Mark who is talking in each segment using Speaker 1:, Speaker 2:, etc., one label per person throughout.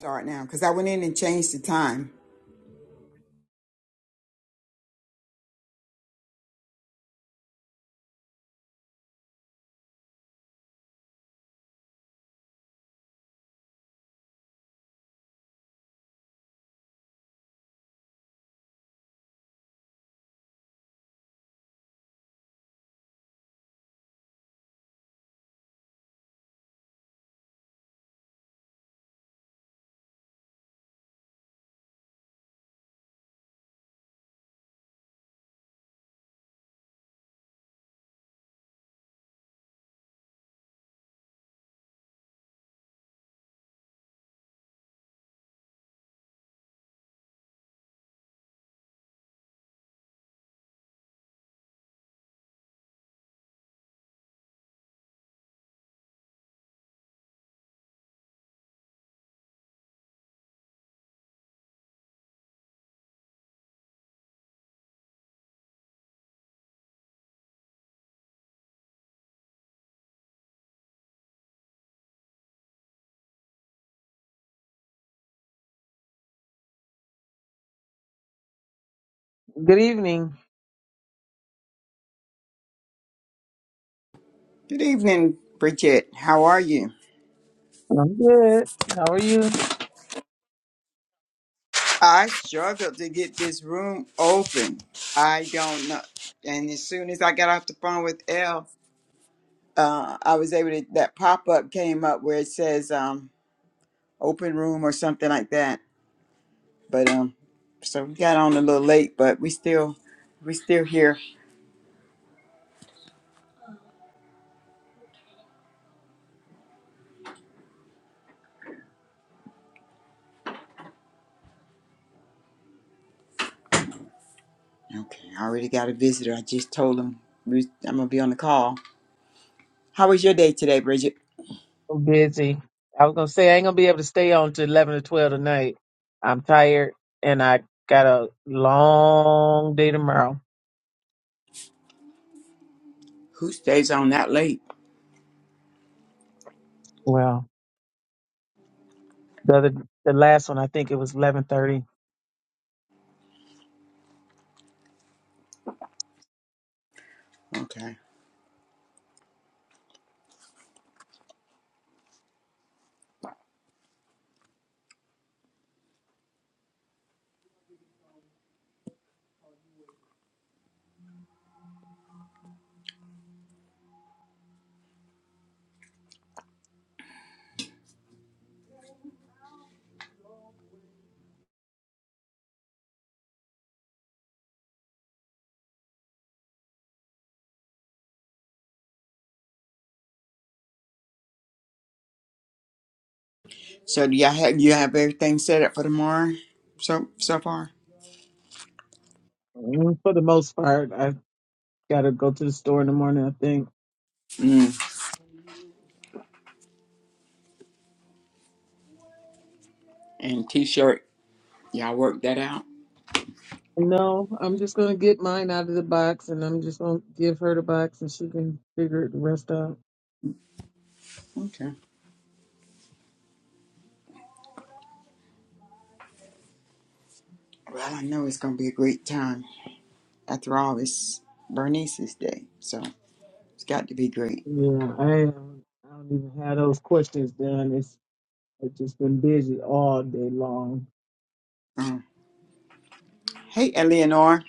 Speaker 1: start now because I went in and changed the time.
Speaker 2: Good evening.
Speaker 1: Good evening, Bridget. How are you?
Speaker 2: I'm good. How are you?
Speaker 1: I struggled to get this room open. I don't know. And as soon as I got off the phone with Elle, uh, I was able to. That pop up came up where it says um, "open room" or something like that. But um, so we got on a little late, but we still, we still here. Okay, I already got a visitor. I just told him we- I'm gonna be on the call. How was your day today, Bridget?
Speaker 2: I'm busy. I was gonna say I ain't gonna be able to stay on to eleven or twelve tonight. I'm tired and I got a long day tomorrow.
Speaker 1: Who stays on that late?
Speaker 2: Well, the other, the last one I think it was eleven thirty.
Speaker 1: Okay. So do y'all have you have everything set up for tomorrow? So so far.
Speaker 2: For the most part, I gotta go to the store in the morning. I think.
Speaker 1: Mm. And t-shirt. Y'all work that out.
Speaker 2: No, I'm just gonna get mine out of the box, and I'm just gonna give her the box, and she can figure the rest out.
Speaker 1: Okay. Well, I know it's gonna be a great time. After all, it's Bernice's day, so it's got to be great.
Speaker 2: Yeah, I am. I don't even have those questions done. It's I've just been busy all day long.
Speaker 1: Um, hey, Eleanor.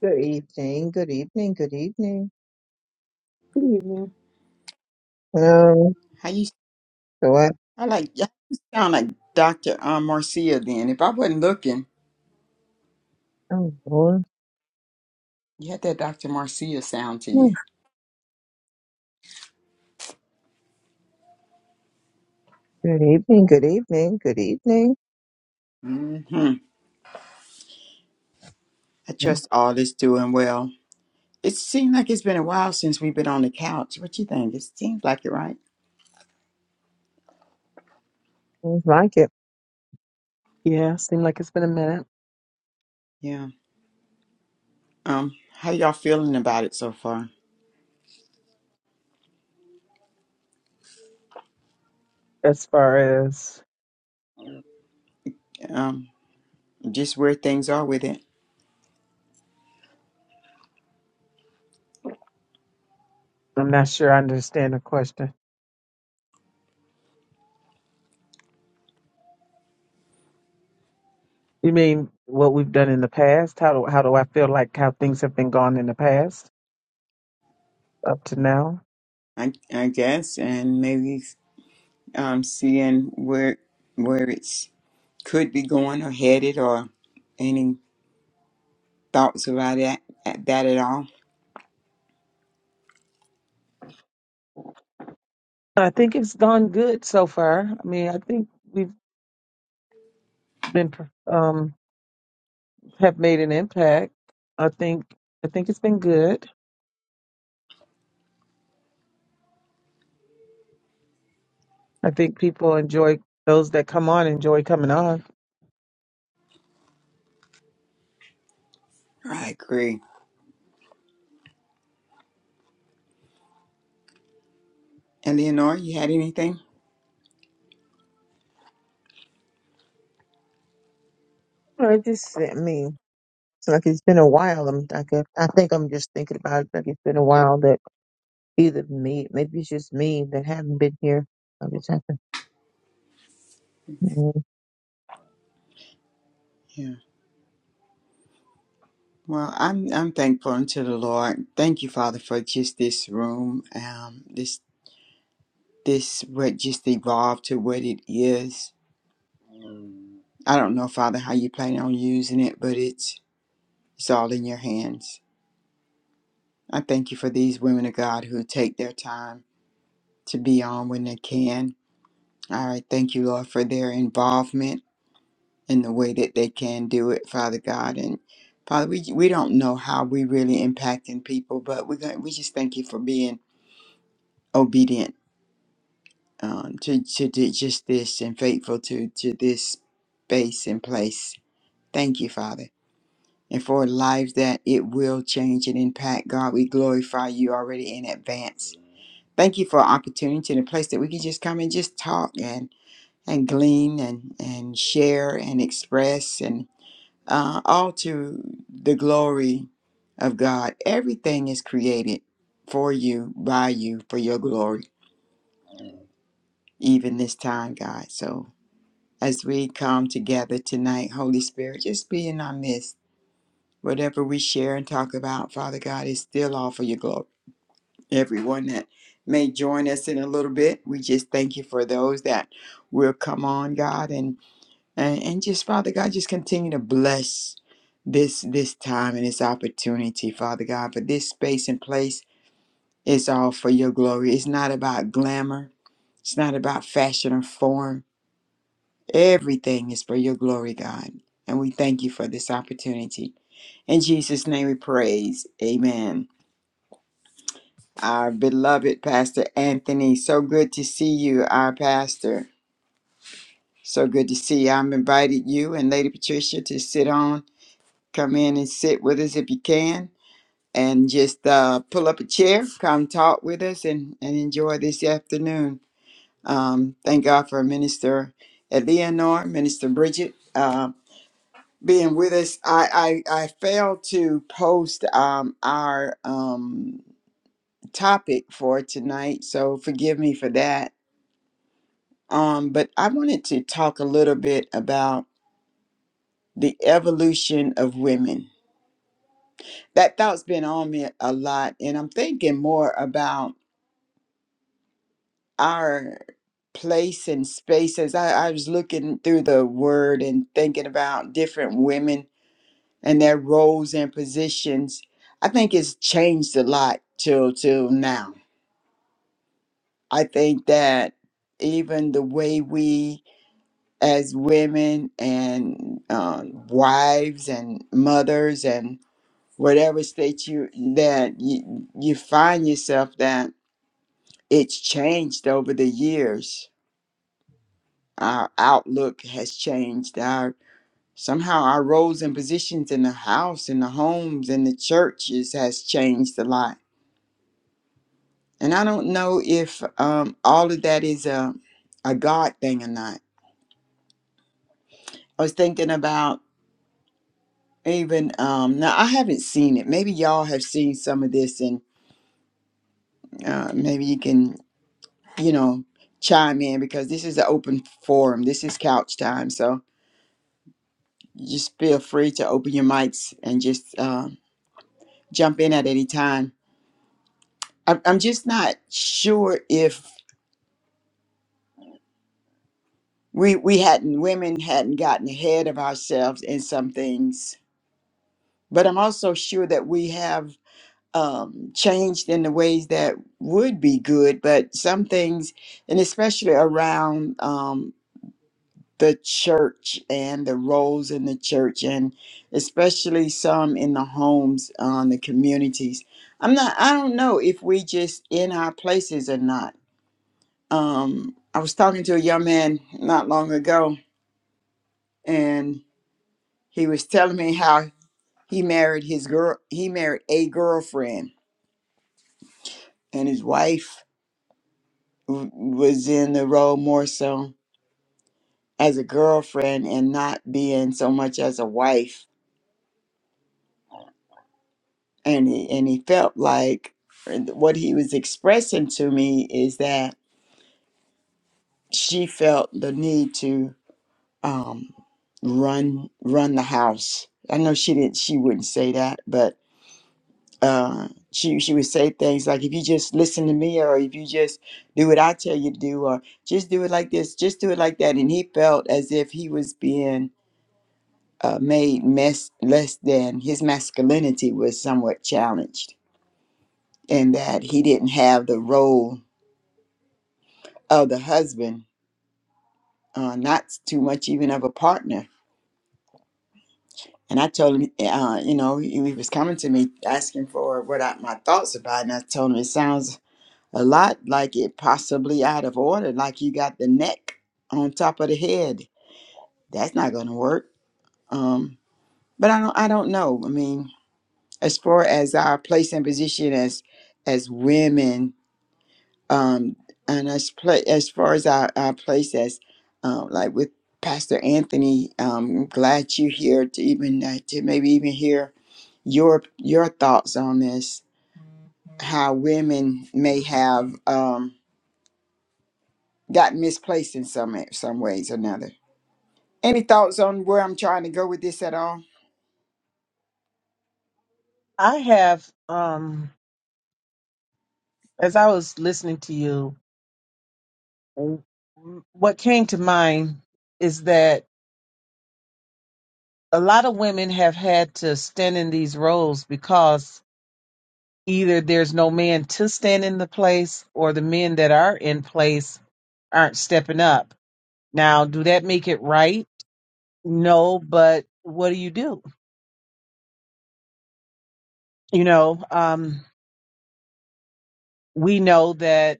Speaker 3: Good evening, good evening, good evening.
Speaker 2: Good evening.
Speaker 3: Hello.
Speaker 1: How you?
Speaker 3: So I,
Speaker 1: I like. You sound like Doctor um, Marcia. Then, if I wasn't looking,
Speaker 3: oh Lord.
Speaker 1: you had that Doctor Marcia sound to
Speaker 3: Hmm.
Speaker 1: you.
Speaker 3: Good evening, good evening, good evening.
Speaker 1: hmm I trust all is doing well. It seems like it's been a while since we've been on the couch. What you think? It seems like it, right?
Speaker 3: Seems like it.
Speaker 2: Yeah, seems like it's been a minute.
Speaker 1: Yeah. Um, how y'all feeling about it so far?
Speaker 2: As far as
Speaker 1: Um, just where things are with it,
Speaker 2: I'm not sure I understand the question. You mean what we've done in the past? How do how do I feel like how things have been gone in the past up to now?
Speaker 1: I I guess, and maybe um seeing where where it's could be going or headed, or any thoughts about that at that at all.
Speaker 2: I think it's gone good so far. I mean, I think we've been um have made an impact. I think I think it's been good. I think people enjoy those that come on enjoy coming on.
Speaker 1: I agree. Eleanor, you had anything?
Speaker 3: I just, I mean, it's like it's been a while. I'm like, I I think I'm just thinking about it. Like it's been a while that either me, maybe it's just me that haven't been here. I just have to, Mm,
Speaker 1: Yeah. Well, I'm I'm thankful unto the Lord. Thank you, Father, for just this room, um, this this what just evolved to what it is. I don't know, Father, how you plan on using it, but it's it's all in your hands. I thank you for these women of God who take their time to be on when they can. I thank you, Lord, for their involvement in the way that they can do it, Father God. And Father, we we don't know how we really impacting people, but we got, we just thank you for being obedient um, to to to just this and faithful to to this space and place. Thank you, Father. and for lives that it will change and impact. God, we glorify you already in advance. Thank you for opportunity and a place that we can just come and just talk and and glean and and share and express and uh, all to the glory of God. Everything is created for you, by you, for your glory, even this time, God. So as we come together tonight, Holy Spirit, just be in our midst Whatever we share and talk about, Father God, is still all for your glory. Everyone that may join us in a little bit, we just thank you for those that will come on, God, and and, and just Father God, just continue to bless this this time and this opportunity, Father God, for this space and place is all for your glory. It's not about glamour. It's not about fashion or form. Everything is for your glory, God. And we thank you for this opportunity. In Jesus' name we praise. Amen. Our beloved Pastor Anthony, so good to see you, our pastor. So good to see you. I've invited you and Lady Patricia to sit on. Come in and sit with us if you can. And just uh, pull up a chair, come talk with us, and, and enjoy this afternoon. Um, thank God for Minister Eleanor, Minister Bridget, uh, being with us. I, I, I failed to post um, our. Um, topic for tonight, so forgive me for that. Um, but I wanted to talk a little bit about the evolution of women. That thought's been on me a lot, and I'm thinking more about our place and space as I, I was looking through the word and thinking about different women and their roles and positions. I think it's changed a lot till till now. I think that even the way we as women and um, wives and mothers and whatever state you that you, you find yourself that it's changed over the years our outlook has changed our somehow our roles and positions in the house in the homes in the churches has changed a lot and i don't know if um, all of that is a, a god thing or not i was thinking about Even um, now, I haven't seen it. Maybe y'all have seen some of this, and uh, maybe you can, you know, chime in because this is an open forum. This is couch time, so just feel free to open your mics and just uh, jump in at any time. I'm, I'm just not sure if we we hadn't women hadn't gotten ahead of ourselves in some things, but I'm also sure that we have um, changed in the ways that would be good, but some things, and especially around um, the church and the roles in the church, and especially some in the homes, on the communities. I'm not. I don't know if we just in our places or not. Um, I was talking to a young man not long ago, and he was telling me how he married his girl. He married a girlfriend and his wife w- was in the role more so as a girlfriend and not being so much as a wife and he, and he felt like and what he was expressing to me is that she felt the need to um, run run the house i know she didn't she wouldn't say that but uh, she she would say things like if you just listen to me or if you just do what i tell you to do or just do it like this just do it like that and he felt as if he was being uh, made mess, less than his masculinity was somewhat challenged, and that he didn't have the role of the husband, uh, not too much even of a partner. And I told him, uh, you know, he, he was coming to me asking for what I, my thoughts about, it, and I told him it sounds a lot like it possibly out of order, like you got the neck on top of the head. That's not going to work. Um, but I don't, I don't know. I mean, as far as our place and position as as women um and as play as far as our, our place as um like with pastor anthony um I'm glad you're here to even uh, to maybe even hear your your thoughts on this how women may have um got misplaced in some some ways or another any thoughts on where i'm trying to go with this at all
Speaker 2: I have um as I was listening to you, what came to mind is that a lot of women have had to stand in these roles because. either there's no man to stand in the place or the men that are in place aren't stepping up. Now, do that make it right? No, but what do you do? You know, um, we know that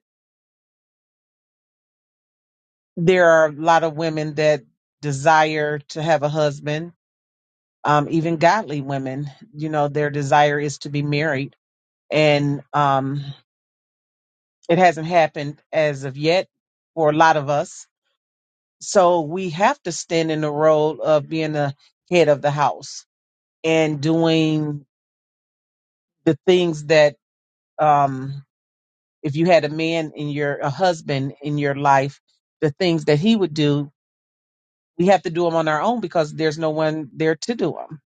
Speaker 2: there are a lot of women that desire to have a husband, um, even godly women, you know, their desire is to be married. And um, it hasn't happened as of yet for a lot of us So we have to stand in the role of being the head of the house and doing the things that, um, if you had a man in your, a husband in your life, the things that he would do, we have to do them on our own because there's no one there to do them.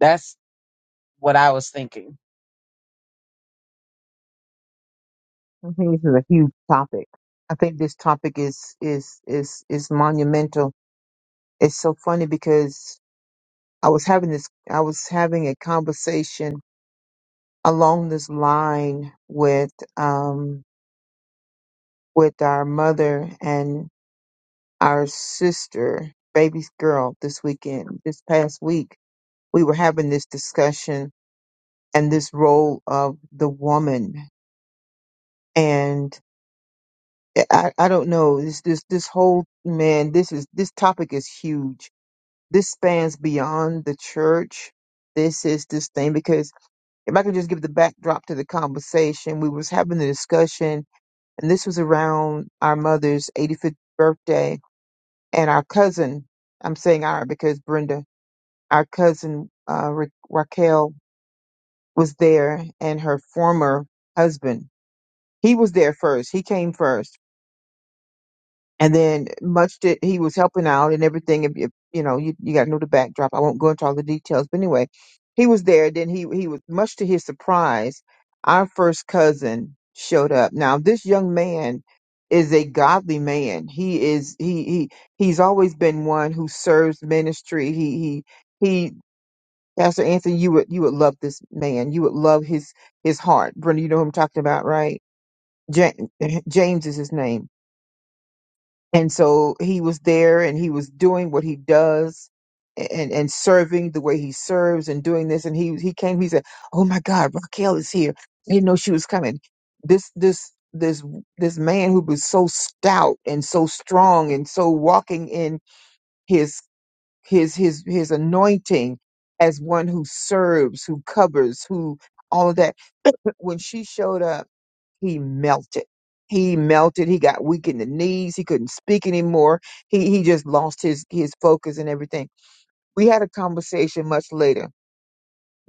Speaker 2: That's what I was thinking.
Speaker 3: I think this is a huge topic. I think this topic is, is, is, is monumental. It's so funny because I was having this, I was having a conversation along this line with um with our mother and our sister baby's girl this weekend this past week we were having this discussion and this role of the woman and eh, i i don't know this this this whole man this is this topic is huge this spans beyond the church this is this thing because if i could just give the backdrop to the conversation we was having the discussion and this was around our mother's 85th birthday. And our cousin, I'm saying our because Brenda, our cousin uh, Ra- Raquel was there, and her former husband. He was there first. He came first and then much that he was helping out and everything. If you, you know, you, you got to know the backdrop. I won't go into all the details, but anyway, he was there. Then he he was much to his surprise, our first cousin showed up. Now this young man is a godly man. He is he he he's always been one who serves ministry. He he he. Pastor Anthony, you would you would love this man. You would love his his heart. Brenda, you know who I'm talking about, right? Ja- James is his name and so he was there and he was doing what he does and and serving the way he serves and doing this and he he came he said oh my god raquel is here i didn't know she was coming this this this this man who was so stout and so strong and so walking in his his his his anointing as one who serves who covers who all of that when she showed up he melted. He melted. He got weak in the knees. He couldn't speak anymore. He he just lost his his focus and everything. We had a conversation much later,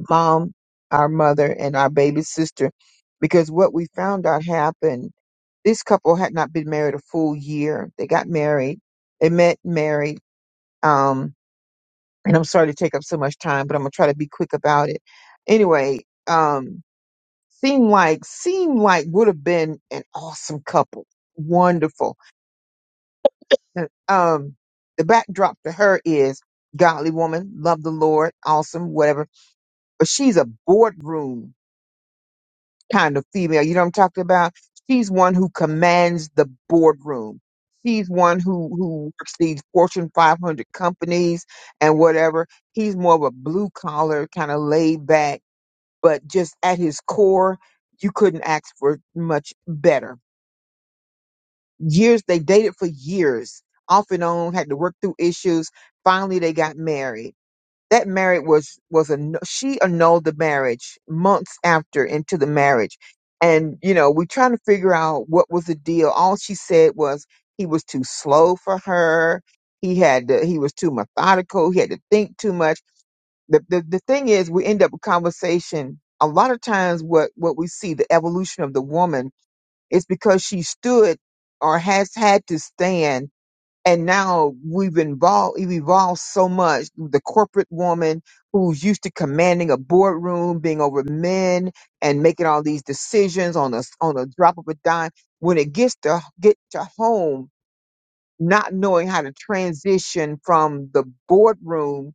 Speaker 3: mom, our mother, and our baby sister, because what we found out happened. This couple had not been married a full year. They got married. They met, married. Um, and I'm sorry to take up so much time, but I'm gonna try to be quick about it. Anyway, um. Seem like seem like would have been an awesome couple. Wonderful. And, um, the backdrop to her is godly woman, love the Lord, awesome, whatever. But she's a boardroom kind of female. You know what I'm talking about? She's one who commands the boardroom. She's one who who works these Fortune 500 companies and whatever. He's more of a blue collar kind of laid back, but just at his core, you couldn't ask for much better years they dated for years off and on had to work through issues finally they got married that marriage was was a she annulled the marriage months after into the marriage and you know we trying to figure out what was the deal all she said was he was too slow for her he had to, he was too methodical he had to think too much the, the the thing is we end up with conversation a lot of times what what we see the evolution of the woman it's because she stood or has had to stand. And now we've evolved, we've evolved so much. The corporate woman who's used to commanding a boardroom, being over men and making all these decisions on a, on a drop of a dime. When it gets to get to home, not knowing how to transition from the boardroom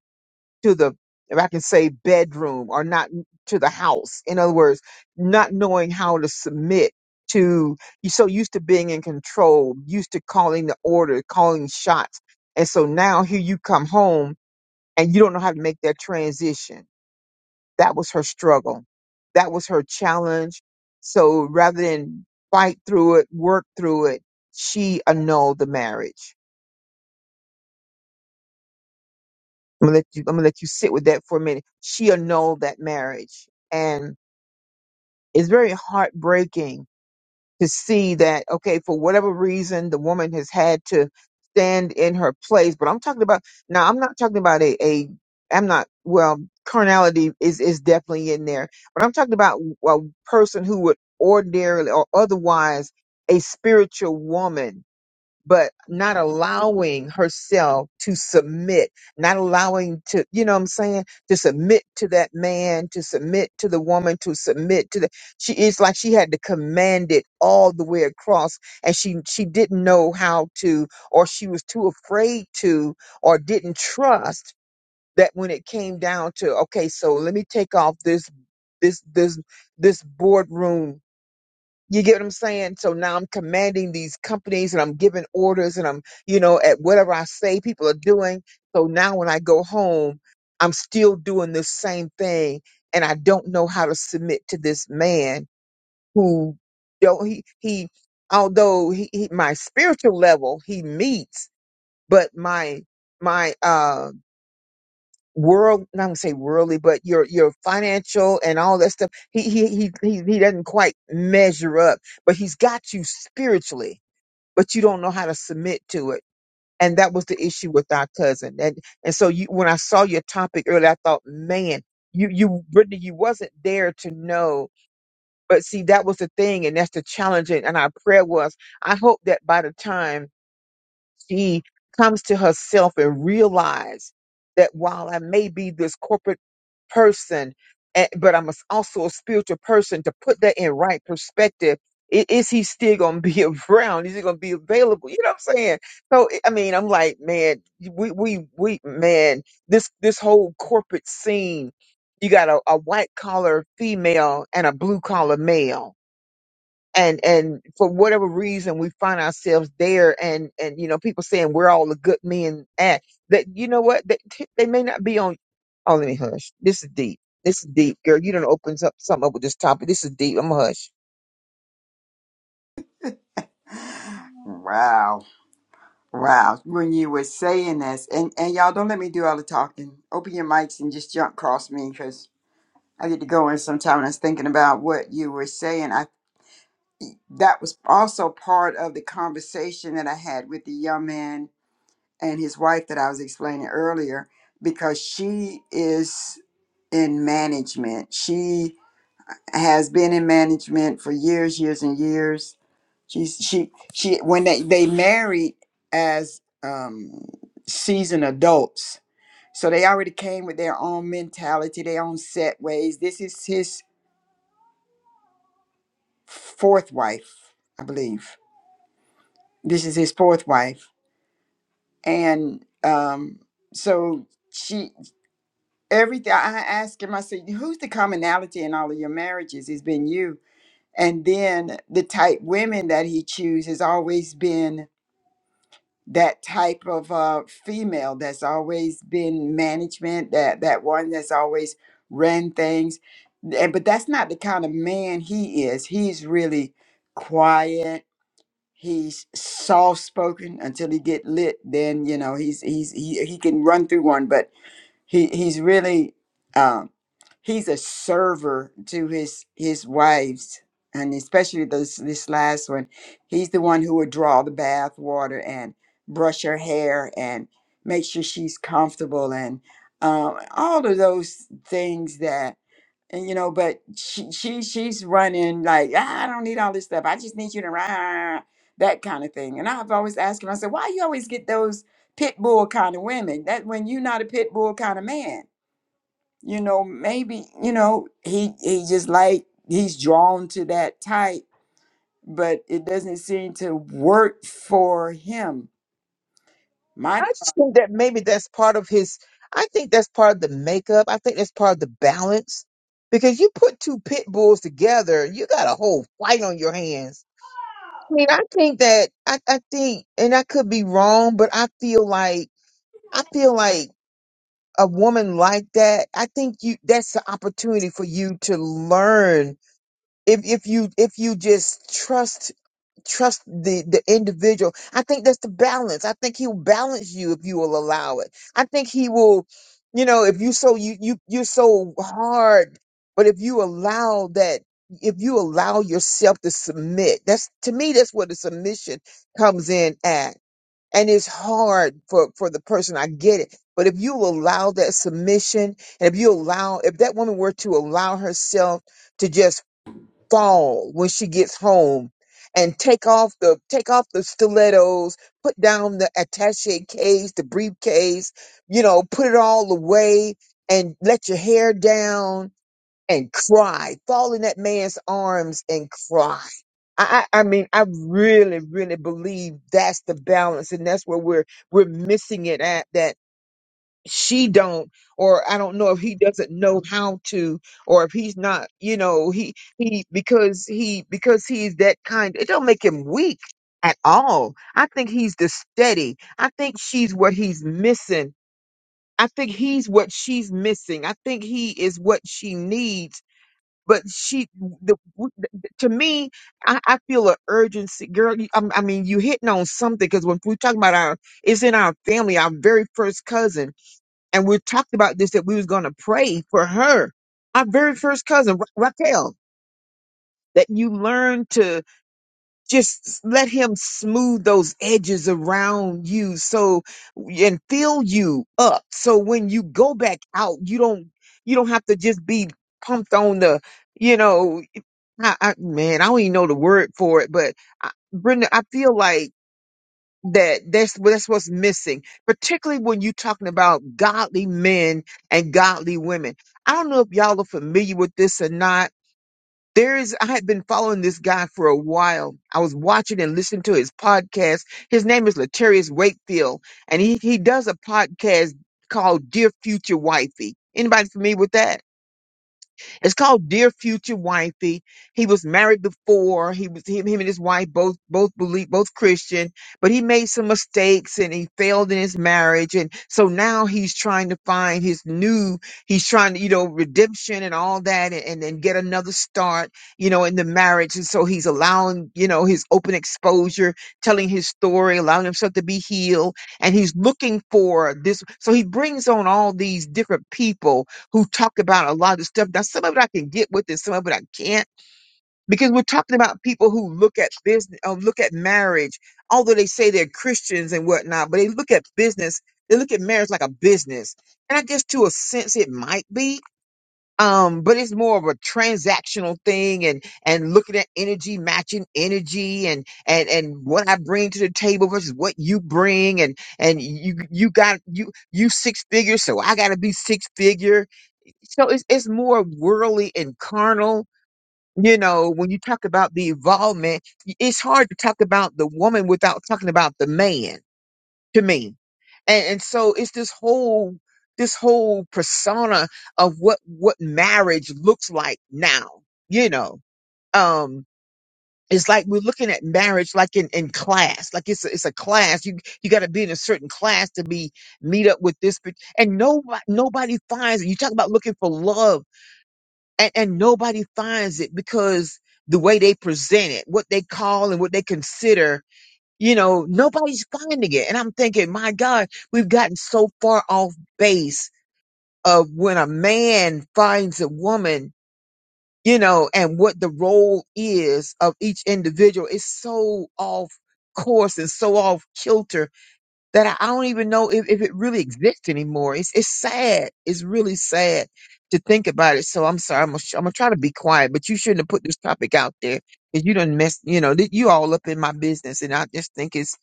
Speaker 3: to the, if I can say, bedroom or not to the house. In other words, not knowing how to submit to, you're so used to being in control, used to calling the order, calling shots. And so now here you come home and you don't know how to make that transition. That was her struggle. That was her challenge. So rather than fight through it, work through it, she annulled the marriage. I'm gonna let you. I'm gonna let you sit with that for a minute. She annulled that marriage, and. it's very heartbreaking to see that okay for whatever reason the woman has had to stand in her place but i'm talking about now i'm not talking about a, a i'm not well carnality is is definitely in there but i'm talking about a person who would ordinarily or otherwise a spiritual woman but not allowing herself to submit, not allowing to, you know what I'm saying, to submit to that man, to submit to the woman, to submit to the she it's like she had to command it all the way across and she she didn't know how to or she was too afraid to or didn't trust that when it came down to okay, so let me take off this this this this boardroom you get what I'm saying? So now I'm commanding these companies and I'm giving orders and I'm, you know, at whatever I say people are doing. So now when I go home, I'm still doing this same thing and I don't know how to submit to this man who don't he he although he, he my spiritual level he meets, but my my um world not gonna say worldly, but your your financial and all that stuff. He he he he, he doesn't quite measure up, but he's got you spiritually, but you don't know how to submit to it. And that was the issue with our cousin. And and so you when I saw your topic earlier, I thought, man, you you Brittany, you wasn't there to know. But see, that was the thing, and that's the challenge. And and our prayer was, I hope that by the time she comes to herself and realize that while I may be this corporate person, eh, but I'm a s- also a spiritual person. To put that in right perspective, i- is he still going to be around? Is he going to be available? You know what I'm saying? So I I mean, I'm like, man, we we we man, this this whole corporate scene. You got a, a white collar female and a blue collar male and and for whatever reason we find ourselves there and and you know people saying we're all the good men at that you know what they, they may not be on oh let me hush this is deep this is deep girl you don't open up something up with this topic this is deep i'm gonna hush
Speaker 1: Wow. Wow, when you were saying this, and, and y'all don't let me do all the talking. Open your mics and just jump across me because I get to go in sometime. And I was thinking about what you were saying. I that was also part of the conversation that I had with the young man and his wife that I was explaining earlier because she is in management. She has been in management for years, years and years. She's she she when they they married as um seasoned adults. So they already came with their own mentality, their own set ways. This is his fourth wife, I believe. This is his fourth wife. And um so she everything I asked him, I said, who's the commonality in all of your marriages? It's been you. and then the type women that he choose has always been that type of uh, female that's always been management that that one that's always ran things and but that's not the kind of man he is he's really quiet he's soft spoken until he get lit then you know he's he's he, he can run through one but he he's really um, he's a server to his his wives and especially this this last one he's the one who would draw the bath water and brush her hair and make sure she's comfortable and um, all of those things that and you know but she, she she's running like "Ah, i don't need all this stuff i just need you to rah, that kind of thing and i've always asked him i said why you always get those pit bull kind of women that when you're not a pit bull kind of man you know maybe you know he he just like he's drawn to that type but it doesn't seem to work for him
Speaker 3: i
Speaker 1: my
Speaker 3: just think that maybe that's part of his i think that's part of the makeup i think that's part of the balance because you put two pit bulls together you got a whole fight on your hands i mean i think that i, I think and i could be wrong but i feel like I feel like a woman like that, I think you that's the opportunity for you to learn if if you if you just trust trust the the individual. I think that's the balance. I think he'll balance you if you will allow it. I think he will, you know, if you so you you you're so hard, but if you allow that if you allow yourself to submit, that's to me that's where the submission comes in at and it's hard for for the person i get it but if you allow that submission and if you allow if that woman were to allow herself to just fall when she gets home and take off the take off the stilettos put down the attache case the briefcase you know put it all away and let your hair down and cry, fall in that man's arms and cry. I, I I mean, I really, really believe that's the balance, and that's where we're we're missing it at. That she don't, or I don't know if he doesn't know how to, or if he's not, you know, he he because he because he's that kind. It don't make him weak at all. I think he's the steady. I think she's what he's missing. I think he's what she's missing. I think he is what she needs but she the, w- the- to me I, I feel an urgency girl you- I'm- i mean you hitting on something because when we talk about our it's in our family our very first cousin and we talked about this that we was going to pray for her our very first cousin Ra- raquel that you learn to just let him smooth those edges around you so and fill you up so when you go back out you don't you don't have to just be pumped on the you know I, I man, I don't even know the word for it, but I, Brenda, I feel like that that's well, that's what's missing, particularly when you're talking about godly men and godly women. I don't know if y'all are familiar with this or not. There is, I had been following this guy for a while. I was watching and listening to his podcast. His name is Latarius Wakefield, and he he does a podcast called Dear Future Wifey. Anybody familiar with that? It's called Dear Future Wifey. He was married before. He was him, him and his wife both both believe both Christian, but he made some mistakes and he failed in his marriage. And so now he's trying to find his new, he's trying to, you know, redemption and all that and, and then get another start, you know, in the marriage. And so he's allowing, you know, his open exposure, telling his story, allowing himself to be healed. And he's looking for this. So he brings on all these different people who talked about a lot of this stuff. Now, some of it I can get with and some of it I can't because we're talking about people who look at business, uh, look at marriage, although they say they're Christians and whatnot, but they look at business, they look at marriage like a business. And I guess to a sense it might be. Um, but it's more of a transactional thing and, and looking at energy, matching energy and, and, and what I bring to the table versus what you bring. And, and you, you got, you, you six figures. So I gotta be six figure so it's, it's more worldly and carnal you know when you talk about the involvement y- it's hard to talk about the woman without talking about the man to me and, and so it's this whole this whole persona of what what marriage looks like now you know um it's like we're looking at marriage like in, in class like it's a, it's a class you you got to be in a certain class to be meet up with this pe- and nobody nobody finds it you talk about looking for love and, and nobody finds it because the way they present it, what they call and what they consider, you know, nobody's finding it. And I'm thinking, my God, we've gotten so far off base of when a man finds a woman, you know, and what the role is of each individual. It's so off course and so off kilter that I, I don't even know if, if it really exists anymore. It's it's sad. It's really sad to think about it. So I'm sorry. I'm gonna, sh- I'm gonna try to be quiet, but you shouldn't have put this topic out there because you done mess. You know, that you all up in my business, and I just think it's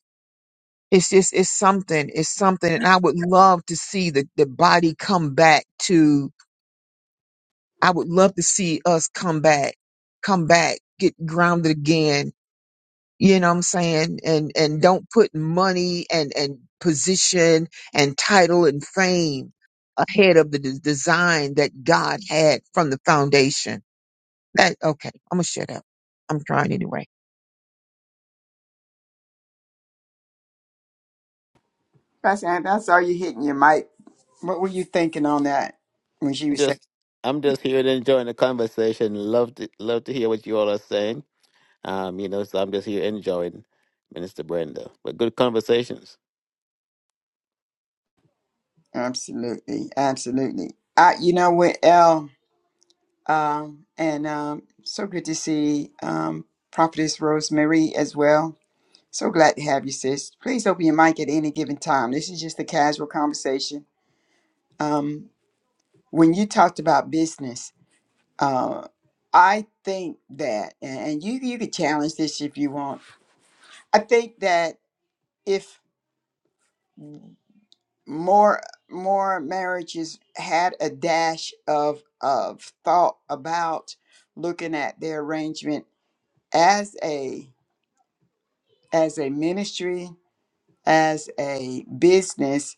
Speaker 3: it's just it's something. It's something, and I would love to see the the body come back to. I would love to see us come back, come back, get grounded again you know what i'm saying and and don't put money and and position and title and fame ahead of the de- design that god had from the foundation that okay i'm gonna shut up i'm trying anyway
Speaker 1: Pastor Anthony, I saw you hitting your mic what were you thinking on that when she was saying
Speaker 4: just I'm just here to enjoying the conversation. Love to love to hear what you all are saying. Um, you know, so I'm just here enjoying Minister Brenda. But good conversations.
Speaker 1: absolutely absolutely i you know what l um and um so good to see um prophetess rosemary as well so glad to have you sis please open your mic at any given time this is just a casual conversation um when you talked about business, uh, I think that, and and you you could challenge this if you want. I think that if more more marriages had a dash of of thought about looking at their arrangement as a as a ministry as a business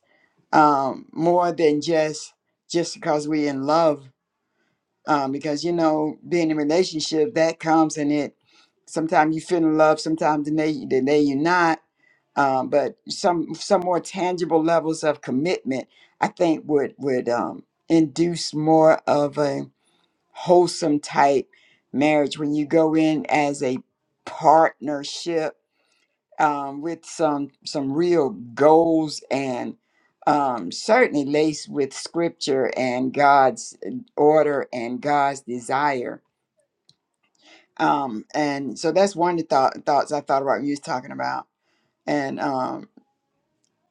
Speaker 1: um more than just just because we are in love um, because you know being in a relationship that comes and it sometimes you feel in love sometimes the day, the day you're not um, but some some more tangible levels of commitment i think would would um, induce more of a wholesome type marriage when you go in as a partnership um, with some some real goals and um, certainly laced with scripture and God's uh, order and God's desire. Um, and so that's one of the thought, thoughts I thought about when you was talking about. And um,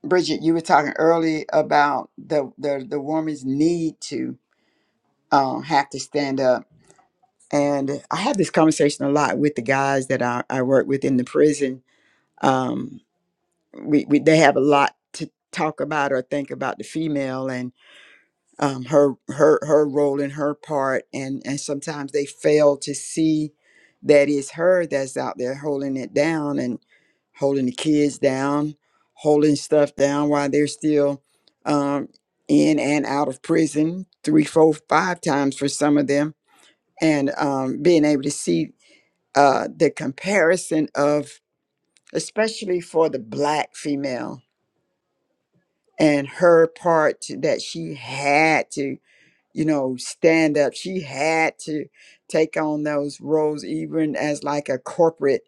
Speaker 1: Bridget, you were talking early about the the, the woman's need to um, have to stand up. And I have this conversation a lot with the guys that I, I work with in the prison. Um, we, we they have a lot to talk about or think about the female and um, her her her role and her part and and sometimes they fail to see that it's her that's out there holding it down and holding the kids down holding stuff down while they're still um, in and out of prison three four five times for some of them and um, being able to see uh, the comparison of especially for the black female and her part to- that she had to you know stand up she had to take on those roles even as like a corporate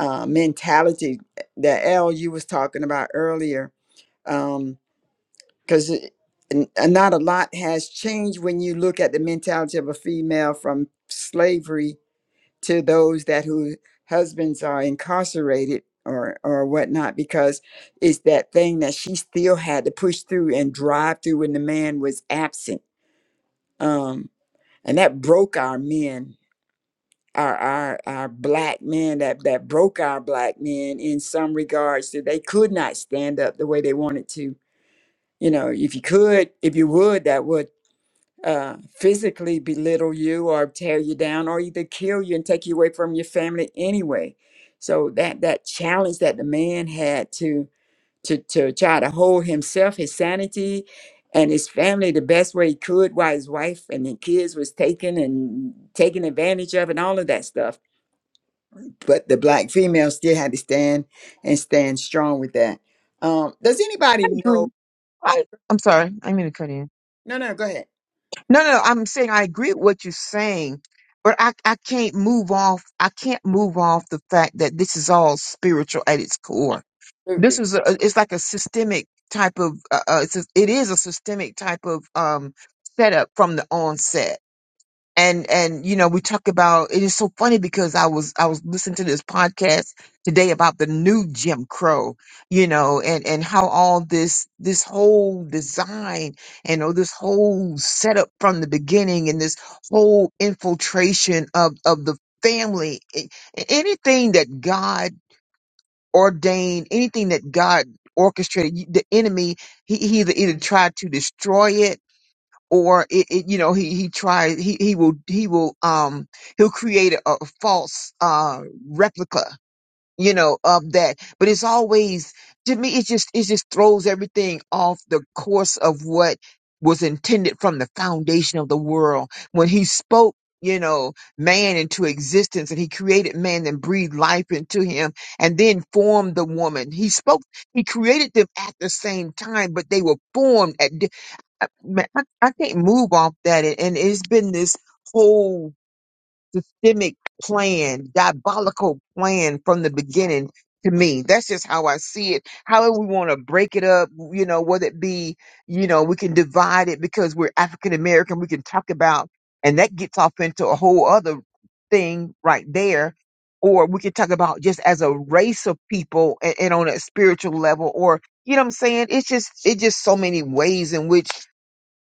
Speaker 1: uh, mentality eh, that l you was talking about earlier um because it n- uh, not a lot has changed when you look at the mentality of a female from slavery to those that whose husbands are incarcerated or or whatnot because it's that thing that she still had to push through and drive through when the man was absent um and that broke our men our our our black men that that broke our black men in some regards that they could not stand up the way they wanted to you know if you could if you would that would uh, physically belittle you or tear you down or either kill you and take you away from your family anyway. So that that challenge that the man had to to to try to hold himself, his sanity, and his family the best way he could while his wife and the kids was taken and taken advantage of and all of that stuff. But the black female still had to stand and stand strong with that. Um, does anybody
Speaker 3: agree.
Speaker 1: know?
Speaker 3: I, i'm sorry i mean to cut in
Speaker 1: No, no, go ahead.
Speaker 3: no no i'm saying i agree with what you're saying but I, I can't move off i can't move off the fact that this is all spiritual at its core this
Speaker 1: Absolutely.
Speaker 3: is a, it's like a systemic type of uh, uh, it's a, it is a systemic type of um setup from the onset and and you know we talk about it is so funny because i was i was listening to this podcast today about the new jim crow you know and and how all this this whole design and all this whole setup from the beginning and this whole infiltration of of the family a- anything that god ordained, anything that God orchestrated, you- the enemy, he, he either, either tried to destroy it or it, it you know, he, he tried, he, he will, he will, um, he'll create a, a false, uh, replica you know, of that. But it's always to me it just it just throws everything off the course of what was intended from the foundation of the world. When he spoke, you know, man into existence and he created man and breathed life into him and then formed the woman. He spoke, he created them at the same time, but they were formed at, di- I, man, I I can't move off that. And it's been this whole systemic plan, diabolical plan from the beginning to me. That's just how I see it. However, we want to break it up, you know, whether it be, you know, we can divide it because we're African American, we can talk about, and that gets off into a whole other thing right there. Or we could talk about just as a race of people and, and on a spiritual level, or, you know what I'm saying? It's just, it's just so many ways in which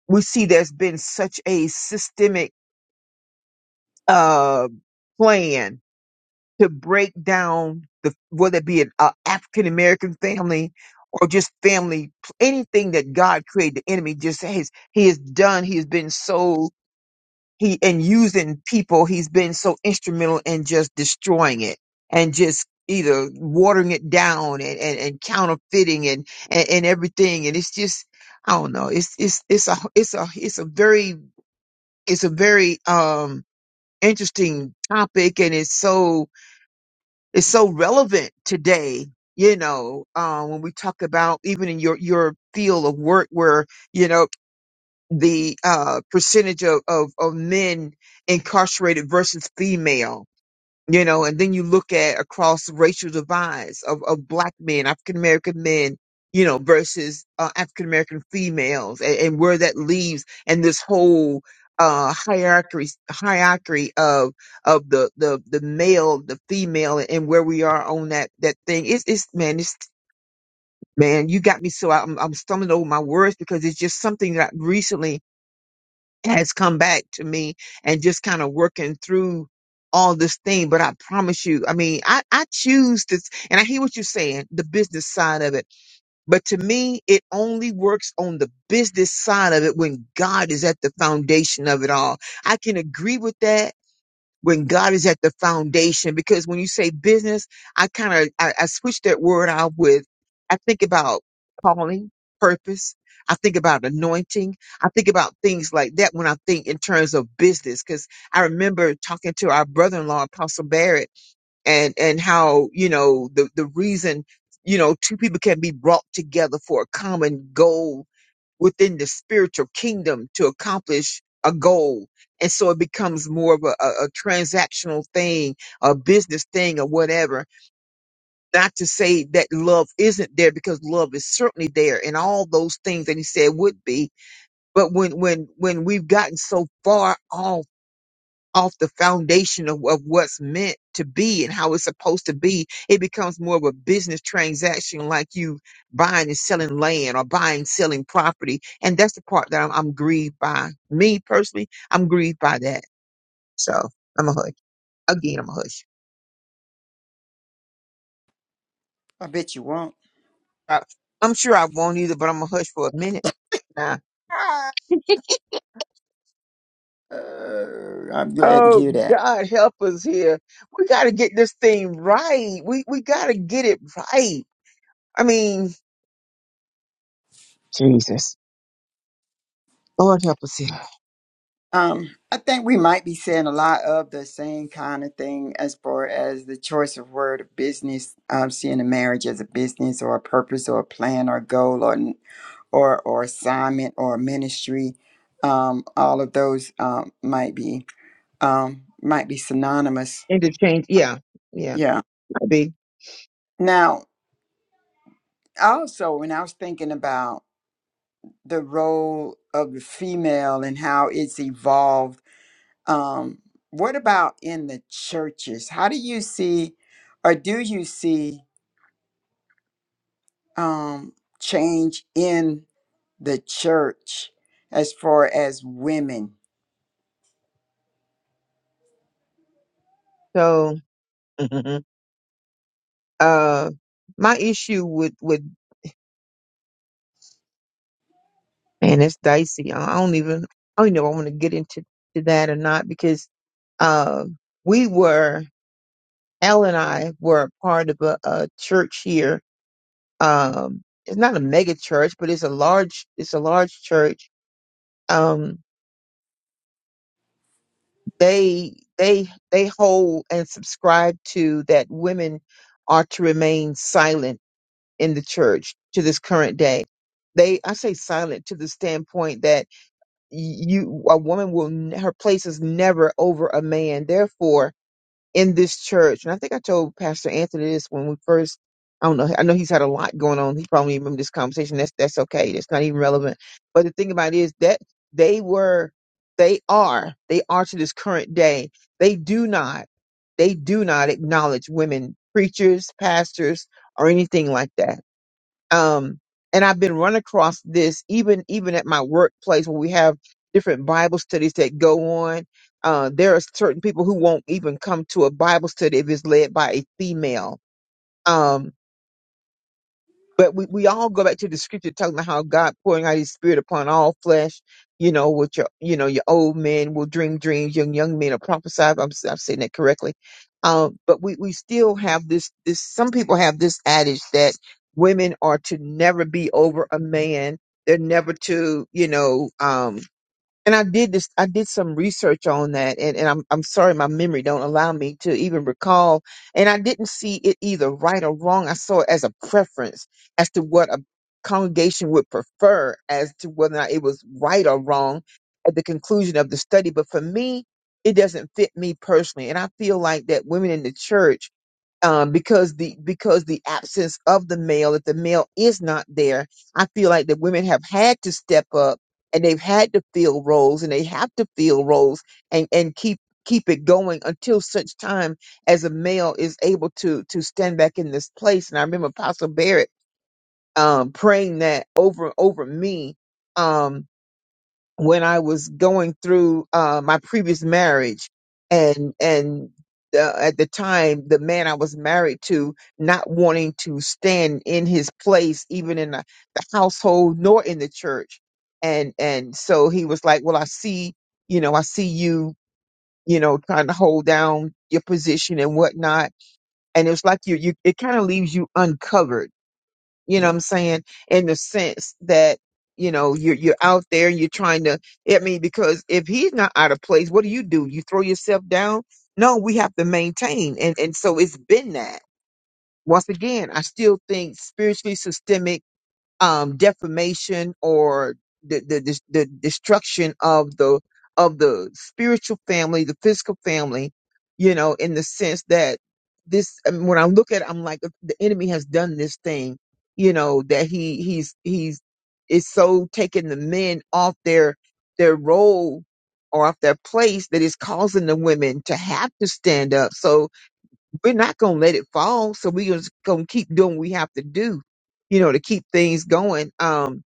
Speaker 3: we see there's been such a systemic, uh, plan to break down the whether it be an uh, African American family or just family, anything that God created, the enemy just says he has done. He has been so he and using people. He's been so instrumental in just destroying it and just either watering it down and, and, and counterfeiting and, and and everything. And it's just I don't know. It's it's it's a it's a it's a very it's a very um interesting topic and it's so is so relevant today, you know, uh, when we talk about even in your, your field of work where, you know, the uh, percentage of, of, of men incarcerated versus female you know and then you look at across racial divides of, of black men african american men you know versus uh, african american females and, and where that leaves and this whole uh hierarchy hierarchy of of the the the male the female and where we are on that that thing it's it's man it's man you got me so i'm, I'm stumbling over my words because it's just something that I recently has come back to me and just kind of working through all this thing. But I promise you, I mean, I, I choose this and I hear what you're saying, the business side of it. But to me, it only works on the business side of it when God is at the foundation of it all. I can agree with that when God is at the foundation. Because when you say business, I kind of I, I switch that word out with I think about calling, purpose. I think about anointing. I think about things like that when I think in terms of business. Because I remember talking to our brother-in-law, Apostle Barrett, and and how you know the the reason you know two people can be brought together for a common goal within the spiritual kingdom to accomplish a goal. And so it becomes more of a, a, a transactional thing, a business thing or whatever. Not to say that love isn't there because love is certainly there and all those things that he said would be. But when, when, when we've gotten so far off the foundation of, of what's meant to be and how it's supposed to be, it becomes more of a business transaction like you buying and selling land or buying, selling property. And that's the part that I'm, I'm grieved by. Me personally, I'm grieved by that. So I'm a hush. Again, I'm a hush.
Speaker 1: I bet you won't.
Speaker 3: I, I'm sure I won't either, but I'm a hush for a minute now.
Speaker 1: Uh, I'm glad to
Speaker 3: Oh
Speaker 1: hear that.
Speaker 3: God, help us here. We got to get this thing right. We, we got to get it right. I mean, Jesus, Lord help us here.
Speaker 1: Um, I think we might be saying a lot of the same kind of thing as far as the choice of word of business, um, seeing a marriage as a business or a purpose or a plan or goal or n- or or assignment or ministry. Um, all of those um, might be um, might be synonymous.
Speaker 3: interchange. Yeah, yeah,
Speaker 1: Yeah.
Speaker 3: might be.
Speaker 1: Now, also, when I was thinking about the role of the female and how it's evolved Um, what about in the churches? How do you see, or do you see um, change in the church as far as women?
Speaker 3: So, uh, my issue with with man, it's dicey. I don't even I don't even know if I want to get into to that or not because uh, we were Al and I were a part of a, a church here. Um, it's not a mega church, but it's a large it's a large church. Um, they they they hold and subscribe to that women are to remain silent in the church to this current day. They, I say silent to the standpoint that you, a woman will, n- her place is never over a man. Therefore, in this church, and I think I told Pastor Anthony this when we first, I don't know, I know he's had a lot going on. He probably didn't remember this conversation. That's, that's okay. That's not even relevant. But the thing about it is that they were, they are, they are to this current day. They do not they do not acknowledge women preachers, pastors, or anything like that um and i've been run across this even even at my workplace where we have different bible studies that go on uh there are certain people who won't even come to a bible study if it's led by a female Um, but we, we all go back to the scripture talking about how God pouring out his spirit upon all flesh, you know, with your, you know, your old men will dream dreams, young, young men will prophesy. if I'm, I'm saying that correctly. Um, but we, we still have this, this, some people have this adage that women are to never be over a man. They're never to, you know, um, and I did this. I did some research on that, and, and I'm I'm sorry, my memory don't allow me to even recall. And I didn't see it either right or wrong. I saw it as a preference as to what a congregation would prefer, as to whether or not it was right or wrong at the conclusion of the study. But for me, it doesn't fit me personally, and I feel like that women in the church um, because the because the absence of the male, if the male is not there, I feel like the women have had to step up and they've had to fill roles and they have to fill roles and and keep keep it going until such time as a male is able to to stand back in this place. And I remember Apostle Barrett um, praying that over over me. Um, when I was going through uh, my previous marriage, and and uh, at the time, the man I was married to not wanting to stand in his place, even in the, the household nor in the church, and and so he was like, "Well, I see, you know, I see you, you know, trying to hold down your position and whatnot," and it's like you, you, it kind of leaves you uncovered you know what I'm saying? In the sense that, you know, you're you're out there, you're trying to I mean, because if he's not out of place, what do you do? You throw yourself down? No, we have to maintain. And and so it's been that. Once again, I still think spiritually systemic um, defamation or the, the the the destruction of the of the spiritual family, the physical family, you know, in the sense that this I mean, when I look at it, I'm like the enemy has done this thing, you know, that he he's he's is so taking the men off their their role or off their place that is causing the women to have to stand up. So we're not going to let it fall. So we're just going to keep doing what we have to do, you know, to keep things going. Um,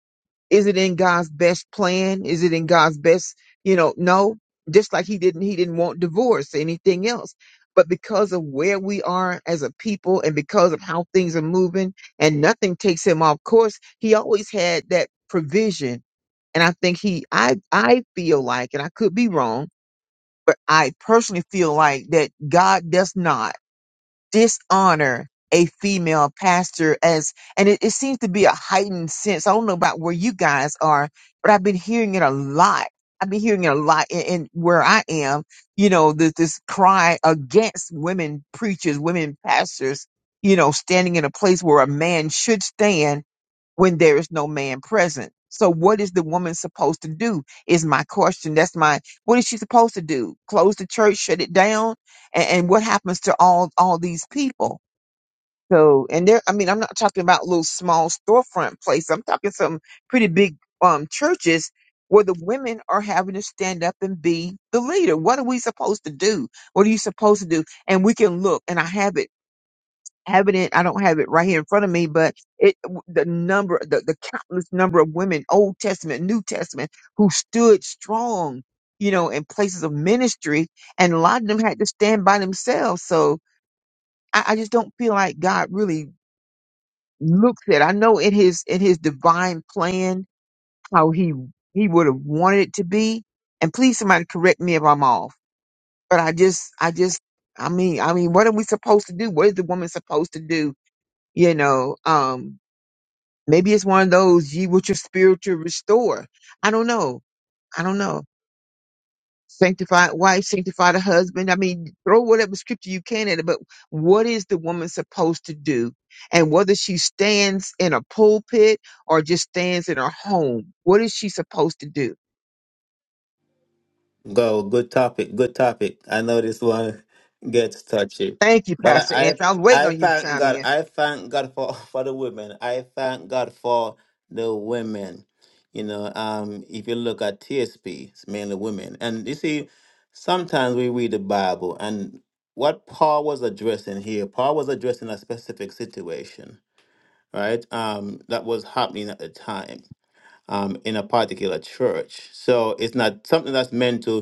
Speaker 3: is it in God's best plan? Is it in God's best, you know, no, just like he didn't, he didn't want divorce or anything else. But because of where we are as a people and because of how things are moving and nothing takes him off course, he always had that provision. And I think he, I, I feel like, and I could be wrong, but I personally feel like that God does not dishonor a female pastor as and it, it seems to be a heightened sense i don't know about where you guys are but i've been hearing it a lot i've been hearing it a lot in, in where i am you know this this cry against women preachers women pastors you know standing in a place where a man should stand when there is no man present. So what is the woman supposed to do is my question. That's my what is she supposed to do? Close the church, shut it down? And, and what happens to all all these people? So and there I mean I'm not talking about little small storefront place. I'm talking some pretty big um churches where the women are having to stand up and be the leader. What are we supposed to do? What are you supposed to do? And we can look and I have it having it. I don't have it right here in front of me, but it the number, the, the countless number of women, Old Testament, New Testament, who stood strong, you know, in places of ministry, and a lot of them had to stand by themselves. So I, I just don't feel like God really looks at. I know in His in His divine plan how He He would have wanted it to be. And please, somebody correct me if I'm off. But I just, I just, I mean, I mean, what are we supposed to do? What is the woman supposed to do? You know, um, Maybe it's one of those ye with your spiritual restore. I don't know. I don't know. Sanctify wife, sanctify the husband. I mean, throw whatever scripture you can at it, but what is the woman supposed to do? And whether she stands in a pulpit or just stands in her home, what is she supposed to do?
Speaker 4: Go, good topic, good topic. I know this one gets touchy,
Speaker 3: Thank you,
Speaker 4: but
Speaker 3: Pastor
Speaker 4: I,
Speaker 3: Anthony. I was waiting
Speaker 4: I I
Speaker 3: on you to
Speaker 4: thank
Speaker 3: chime
Speaker 4: God.
Speaker 3: in.
Speaker 4: I thank God for for the women. I thank God for the women. You know, um, if you look at TSP, it's mainly women, and you see, sometimes we read the Bible, and what Paul was addressing here, Paul was addressing a specific situation, right? Um, that was happening at the time. Um, in a particular church, so it's not something that's meant to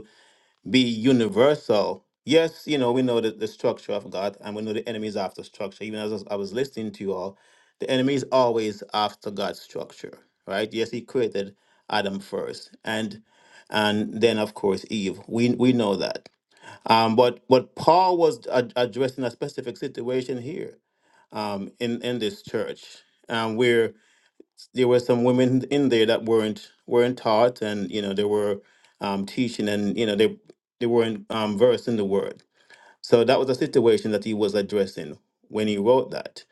Speaker 4: be universal. Yes, you know, we know the, the structure of God and we know the enemy is after structure. Even as I was I was listening to you all, the enemy is always after God's structure, right? Yes, he created Adam first and and then of course Eve. We we know that. Um, but but Paul was ad- addressing a specific situation here um, in in this church um, where there were some women in there that weren't weren't taught and you know they were um, teaching and you know they they weren't um, versed in the word so that was a situation that he was addressing when he wrote that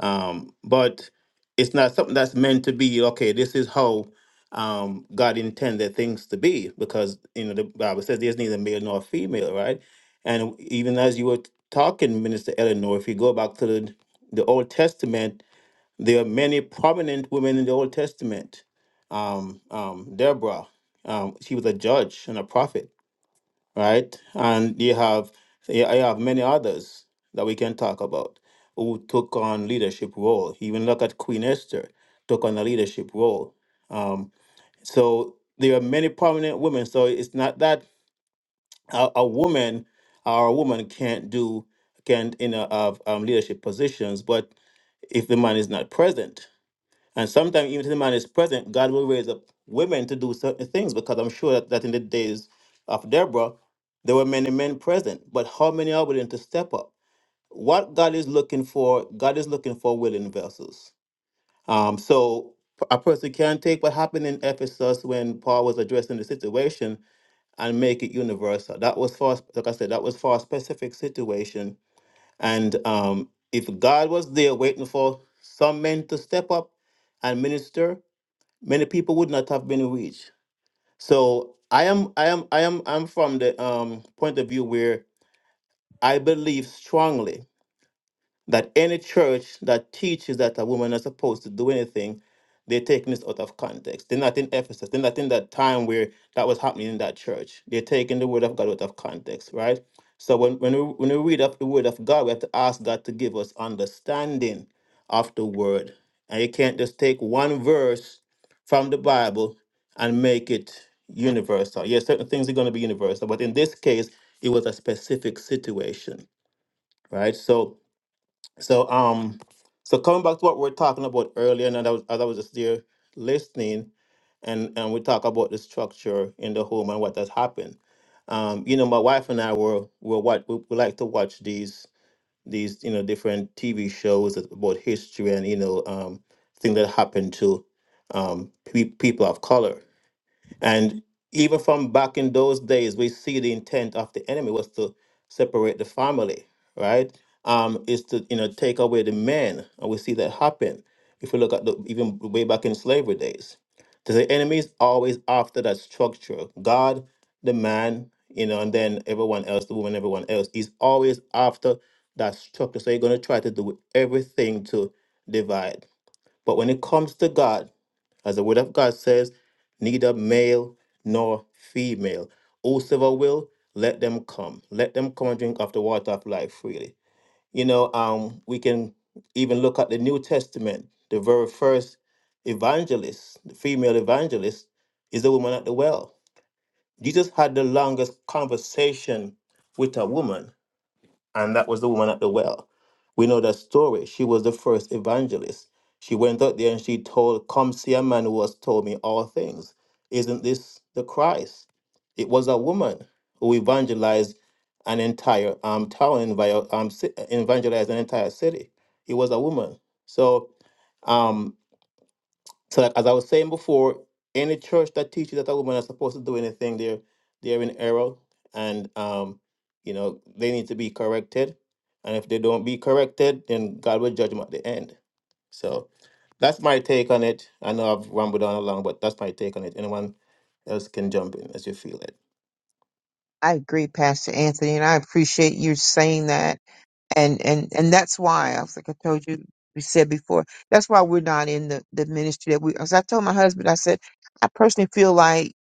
Speaker 4: um, but it's not something that's meant to be okay this is how um, god intended things to be because you know the bible says there's neither male nor female right and even as you were talking minister eleanor if you go back to the, the old testament there are many prominent women in the Old Testament. Um, um, Deborah, um, she was a judge and a prophet, right? And you have you you have many others that we can talk about who took on leadership role. Even look at Queen Esther took on a leadership role. Um, so there are many prominent women. So it's not that a, a woman or a woman can't do can't in a, of um, leadership positions, but if the man is not present and sometimes, even if the man is present, God will raise up women to do certain things because I'm sure that, that in the days of Deborah, there were many men present. But how many are willing to step up? What God is looking for, God is looking for willing vessels. Um, so a person can take what happened in Ephesus when Paul was addressing the situation and make it universal. That was for, like I said, that was for a specific situation. And um, if God was there waiting for some men to step up and minister, many people would not have been rich. So I am I am I am I'm from the um point of view where I believe strongly that any church that teaches that a woman is supposed to do anything, they're taking this out of context. They're not in Ephesus. They're not in that time where that was happening in that church. They're taking the word of God out of context, right? So when, when, we, when we read up the word of God, we have to ask God to give us understanding of the word. And you can't just take one verse from the Bible and make it universal. Yes, certain things are going to be universal, but in this case, it was a specific situation, right? So so um, so coming back to what we are talking about earlier, and I was as I was just there listening, and and we talk about the structure in the home and what has happened. Um, you know, my wife and I were were what we, we like to watch these these you know different TV shows that- about history and you know um things that happened to um pe- people of color. And even from back in those days, we see the intent of the enemy was to separate the family, right? Um, is to you know take away the men, and we see that happen. If we look at the even way back in slavery days, 'cause the enemy is always after that structure. God, the man, you know, and then everyone else, the woman, everyone else, is always after that structure. So you're gonna try to do everything to divide. But when it comes to God, as the word of God says, neither male nor female. Whosoever will, let them come. Let them come and drink of the water of life freely. You know, um, we can even look at the New Testament. The very first evangelist, the female evangelist, is the woman at the well. Jesus had the longest conversation with a woman and that was the woman at the well. We know that story. She was the first evangelist. She went out there and she told, Come see a man who has told me all things. Isn't this the Christ? It was a woman who evangelized an entire um, town, envi- um, ci- evangelized an entire city. It was a woman. So, um, so, like as I was saying before, any church that teaches that a woman is supposed to do anything, they're they're in error, and um, you know they need to be corrected. And if they don't be corrected, then God will judge them at the end. So, that's my take on it. I know I've rambled on along, but that's my take on it. Anyone else can jump in as you feel it.
Speaker 3: I agree, Pastor Anthony, and I appreciate you saying that. and and and that's why I was like I told you we said before that's why we're not in the the ministry that we as I told my husband I said I personally feel like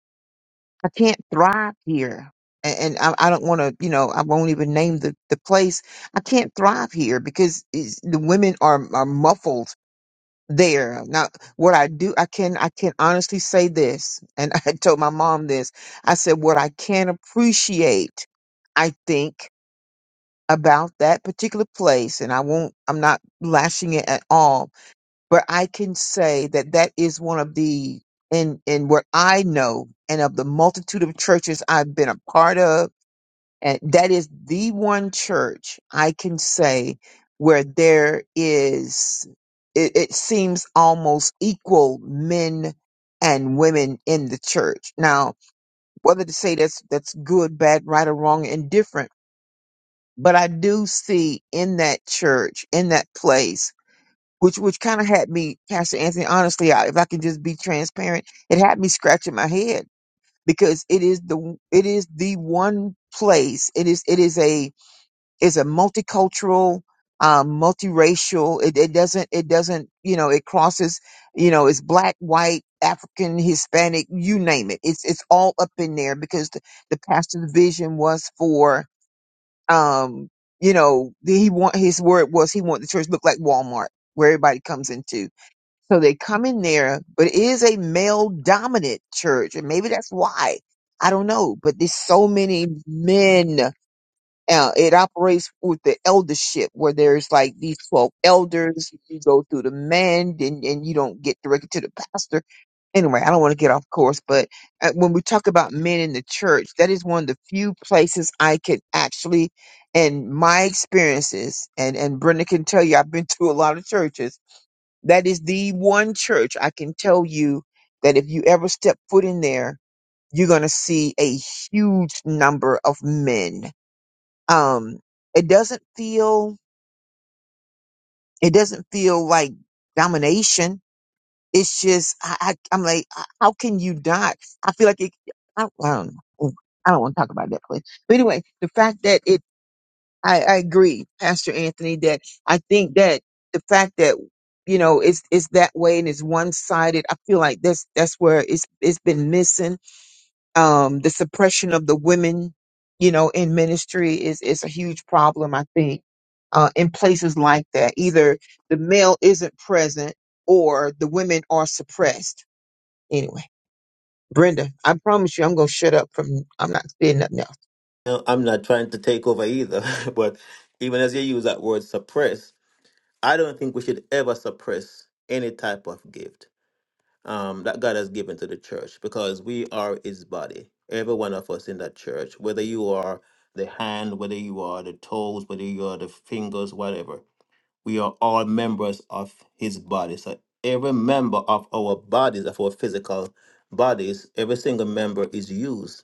Speaker 3: I can't thrive here and, and I, I don't want to you know I won't even name the the place I can't thrive here because it's, the women are are muffled there now what I do I can I can honestly say this and I told my mom this I said what I can appreciate I think about that particular place and I won't I'm not lashing it at all but I can say that that is one of the in in what I know and of the multitude of churches I've been a part of and that is the one church I can say where there is it, it seems almost equal men and women in the church now whether to say that's that's good bad right or wrong indifferent but I do see in that church, in that place, which which kind of had me, Pastor Anthony. Honestly, I, if I can just be transparent, it had me scratching my head because it is the it is the one place. It is it is a is a multicultural, um, multiracial. It, it doesn't it doesn't you know it crosses you know it's black, white, African, Hispanic, you name it. It's it's all up in there because the, the pastor's vision was for um, you know, the- he want his word was he wanted the church to look like Walmart, where everybody comes into. So they come in there, but it is a male dominant church, and maybe that's why. I don't know, but there's so many men. Uh, it operates with the eldership, where there's like these twelve elders. You go through the men, and, and you don't get directed to the pastor anyway, I don't want to get off course, but uh, when we talk about men in the church, that is one of the few places I could actually, and my experiences, and and Brenda can tell you, I've been to a lot of churches. That is the one church I can tell you that if you ever step foot in there, you're going to see a huge number of men. Um, it doesn't feel, it doesn't feel like domination it's just I, I I'm like, h- how can you not? I feel like it. I, I don't know. I don't want to talk about that place. But anyway, the fact that it, I, I agree, Pastor Anthony, that I think that the fact that you know it's it's that way and it's one sided. I feel like that's that's where it's it's been missing. Um, the suppression of the women, you know, in ministry is is a huge problem. I think. Uh, in places like that, either the male isn't present or the women are suppressed Anyway, Brenda, I promise you, I'm gonna shut up. From I'm not saying nothing else.
Speaker 4: No, I'm not trying to take over either, but even as you use that word suppress, I don't think we should ever suppress any type of gift um, that God has given to the church because we are His body. Every one of us in that church, whether you are the hand, whether you are the toes, whether you are the fingers, whatever, we are all members of His body. So every member of our bodies, of our physical bodies, every single member is used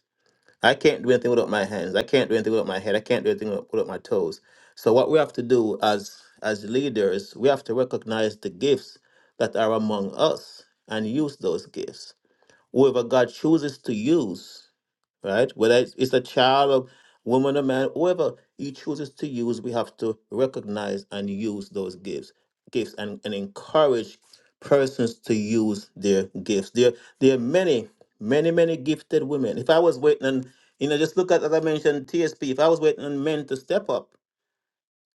Speaker 4: I can't do anything without my hands. I can't do anything without my head. I can't do anything without without my toes. So what we have to do as as leaders, we have to recognize the gifts that are among us and use those gifts whoever God chooses to use, right? Whether it's, it's a child, a woman, a man, whoever He chooses to use, we have to recognize and use those gifts, gifts, and, and encourage persons to use their gifts. There, there are many, many, many gifted women. If I was waiting on, you know, just look at as I mentioned TSP. If I was waiting on men to step up,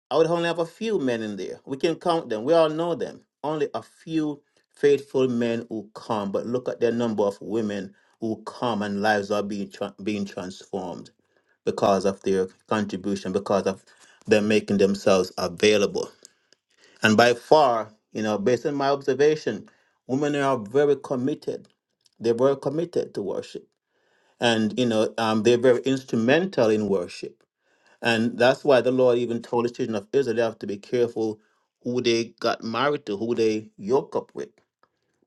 Speaker 4: I would only have a few men in there. We can count them. We all know them. Only a few faithful men who come, but look at the number of women who come and lives are being tra- being transformed because of their contribution, because of them making themselves available. And by far, you know, based on my observation, women are very committed. They're very committed to worship, and you know, um, they're very instrumental in worship and that's why the Lord even told the children of Israel they have to be careful who they got married to, who they yoke up with,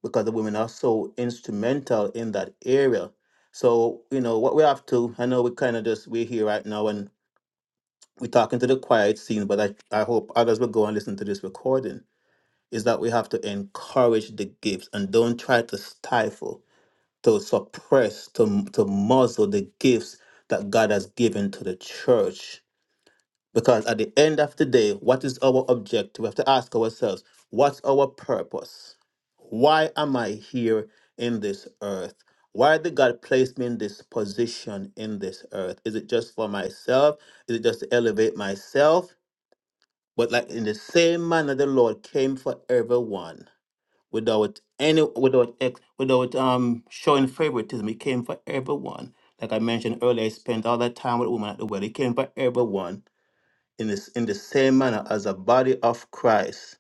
Speaker 4: because the women are so instrumental in that area. So, you know, what we have to, I know we kind of just, we're here right now and we're talking to the quiet scene, but I, I hope others will go and listen to this recording, is that we have to encourage the gifts and don't try to stifle, to suppress, to, to muzzle the gifts that God has given to the church because at the end of the day, what is our objective? We have to ask ourselves, what's our purpose? Why am I here in this earth? Why did God place me in this position in this earth? Is it just for myself? Is it just to elevate myself? But like in the same manner the Lord came for everyone without any without ex, without um showing favoritism. He came for everyone. Like I mentioned earlier, I spent all that time with women at the well. He came for everyone in this in the same manner as a body of Christ,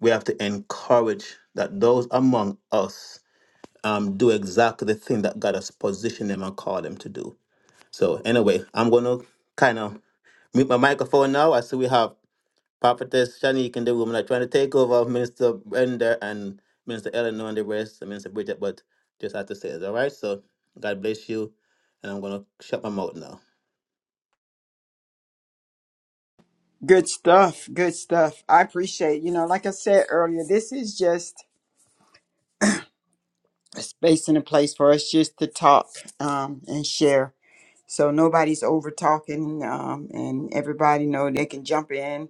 Speaker 4: we have to encourage that those among us um, do exactly the thing that God has positioned them and called them to do. So anyway, I'm gonna kind of mute my microphone now. I see we have Prophetess Shanique and the woman are trying to take over Minister Brenda and Minister Eleanor and the rest, and Minister Bridget, but just have to say it's all right. So God bless you, and I'm gonna shut my mouth now.
Speaker 1: Good stuff. Good stuff. I appreciate, you know, like I said earlier, this is just a space and a place for us just to talk um, and share. So nobody's over talking um, and everybody know they can jump in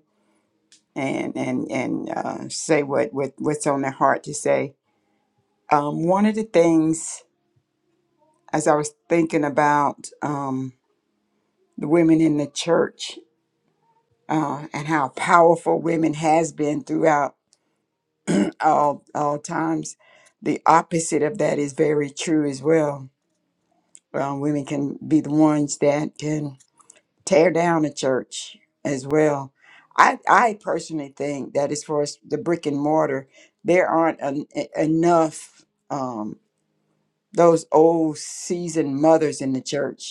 Speaker 1: and and and uh, say what, what what's on their heart to say. Um, one of the things as I was thinking about um, the women in the church uh, and how powerful women has been throughout all all times. The opposite of that is very true as well. Um, women can be the ones that can tear down a church as well. I I personally think that as far as the brick and mortar, there aren't en- e, enough um, those old seasoned mothers in the church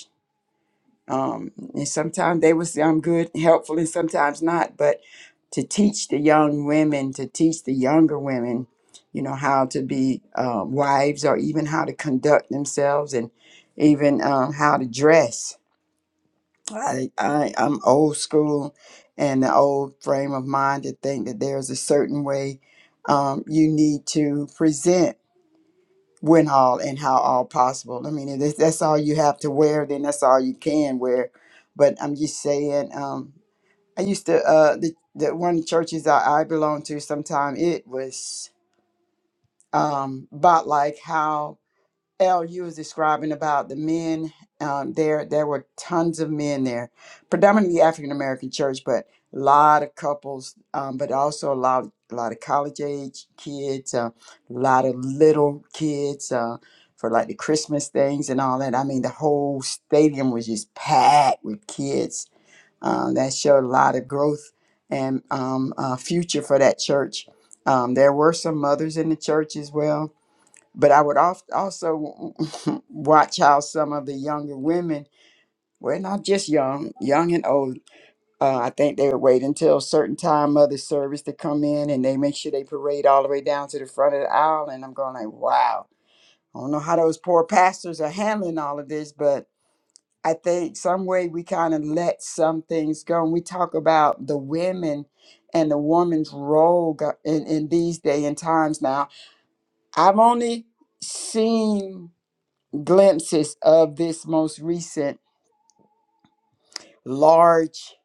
Speaker 1: um, and sometimes they was um, good helpful and sometimes not but to teach the young women to teach the younger women you know how to be uh, wives or even how to conduct themselves and even um, how to dress I, I i'm old school and the old frame of mind to think that there's a certain way um, you need to present when all and how all possible. I mean, if that's all you have to wear, then that's all you can wear. But I'm just saying, um, I used to uh, the the one of the churches I, I belong to. Sometime it was um, about like how L, you was describing about the men. Um, there, there were tons of men there, predominantly African American church, but a lot of couples, um, but also a lot, a lot of college age kids, uh, a lot of little kids uh, for like the Christmas things and all that. I mean, the whole stadium was just packed with kids. Um, that showed a lot of growth and um, uh, future for that church. Um, there were some mothers in the church as well but I would oft- also watch how some of the younger women were not just young, young and old. Uh, I think they would wait until a certain time of the service to come in and they make sure they parade all the way down to the front of the aisle. And I'm going like, wow, I don't know how those poor pastors are handling all of this, but I think some way we kind of let some things go. And we talk about the women and the woman's role go- in, in these day and times now. I've only seen glimpses of this most recent large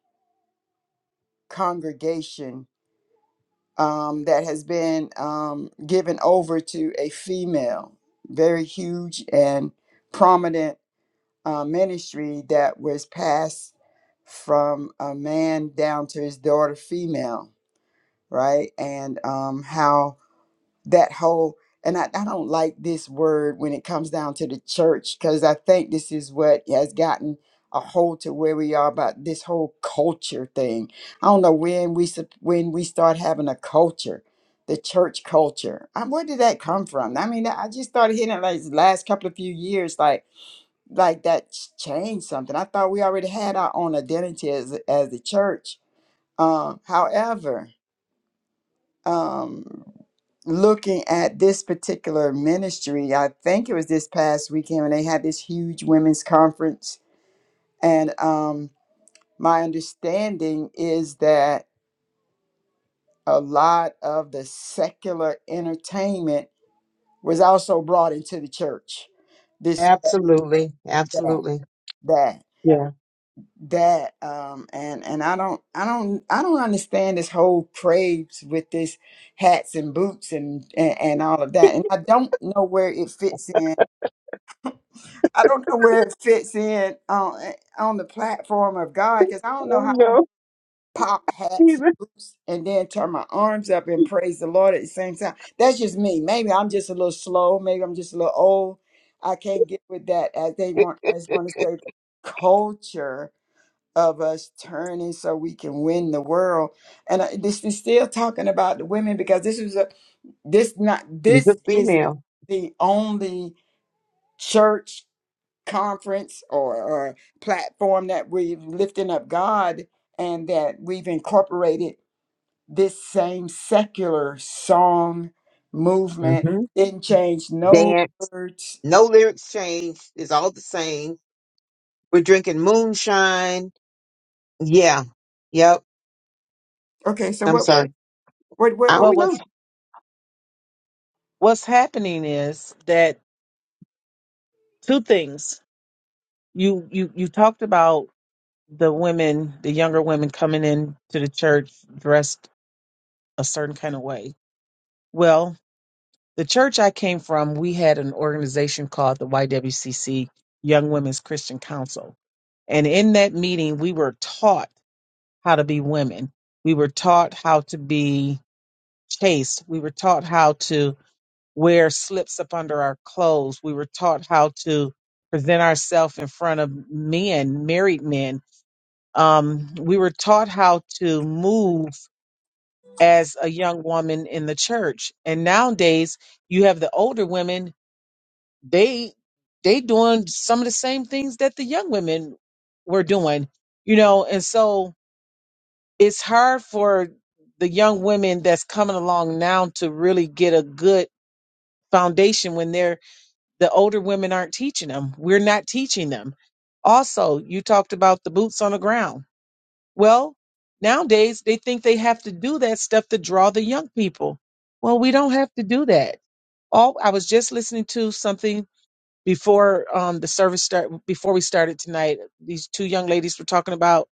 Speaker 1: congregation um, that has been um, given over to a female, very huge and prominent uh, ministry that was passed from a man down to his daughter, female, right? And um, how that whole and I, I don't like this word when it comes down to the church because I think this is what has gotten a hold to where we are about this whole culture thing. I don't know when we sup- when we start having a culture, the church culture. I, where did that come from? I mean, I just started hearing it like the last couple of few years, like like that changed something. I thought we already had our own identity as as the church. Um, however, um, looking at this particular ministry. I think it was this past weekend when they had this huge women's conference. And um, my understanding is that a lot of the secular entertainment was also brought into the church. This,
Speaker 3: Absolutely,
Speaker 1: that,
Speaker 3: absolutely.
Speaker 1: that.
Speaker 3: Yeah.
Speaker 1: that um and and i don't i don't i don't understand this whole craze with this hats and boots and, and and all of that and i don't know where it fits in i don't know where it fits in on eh, on the platform of god because i don't know
Speaker 3: Oh
Speaker 1: how i
Speaker 3: no,
Speaker 1: pop hats
Speaker 3: he's
Speaker 1: and
Speaker 3: a
Speaker 1: boots and then turn my arms up and praise the lord at the same time that's just me maybe i'm just a little slow maybe i'm just a little old i can't get with that as they want as want to say the culture of us turning so we can win the world. And I, this is still talking about the women because this is a this not
Speaker 3: he's a
Speaker 1: this is not
Speaker 3: female.
Speaker 1: the only church conference or, or platform that we've lifting up God and that we've incorporated this same secular song movement.
Speaker 3: hmm
Speaker 1: Didn't change no
Speaker 3: Dance.
Speaker 1: words.
Speaker 3: No lyrics change. It's all the same. We're drinking moonshine. Yeah. Yep.
Speaker 1: Okay, so
Speaker 3: I'm
Speaker 1: what
Speaker 3: sorry.
Speaker 1: what, what
Speaker 3: I
Speaker 1: were
Speaker 2: Well,
Speaker 1: we?
Speaker 3: don't
Speaker 2: what's,
Speaker 3: know.
Speaker 2: what's happening is that two things you, you, you talked about the women, the younger women coming in to the church dressed a certain kind of way. Well. The church I came from, we had an organization called the YWCC, Young Women's Christian Council. And in that meeting, we were taught how to be women. We were taught how to be chaste. We were taught how to wear slips up under our clothes. We were taught how to present ourselves in front of men, married men. Um, we were taught how to move as a young woman in the church. And nowadays, you have the older women they they doing some of the same things that the young women were doing you know and so it's hard for the young women that's coming along now to really get a good foundation when they're the older women aren't teaching them we're not teaching them also you talked about the boots on the ground well nowadays they think they have to do that stuff to draw the young people well we don't have to do that all i was just listening to something before um, the service start before we started tonight these two young ladies were talking about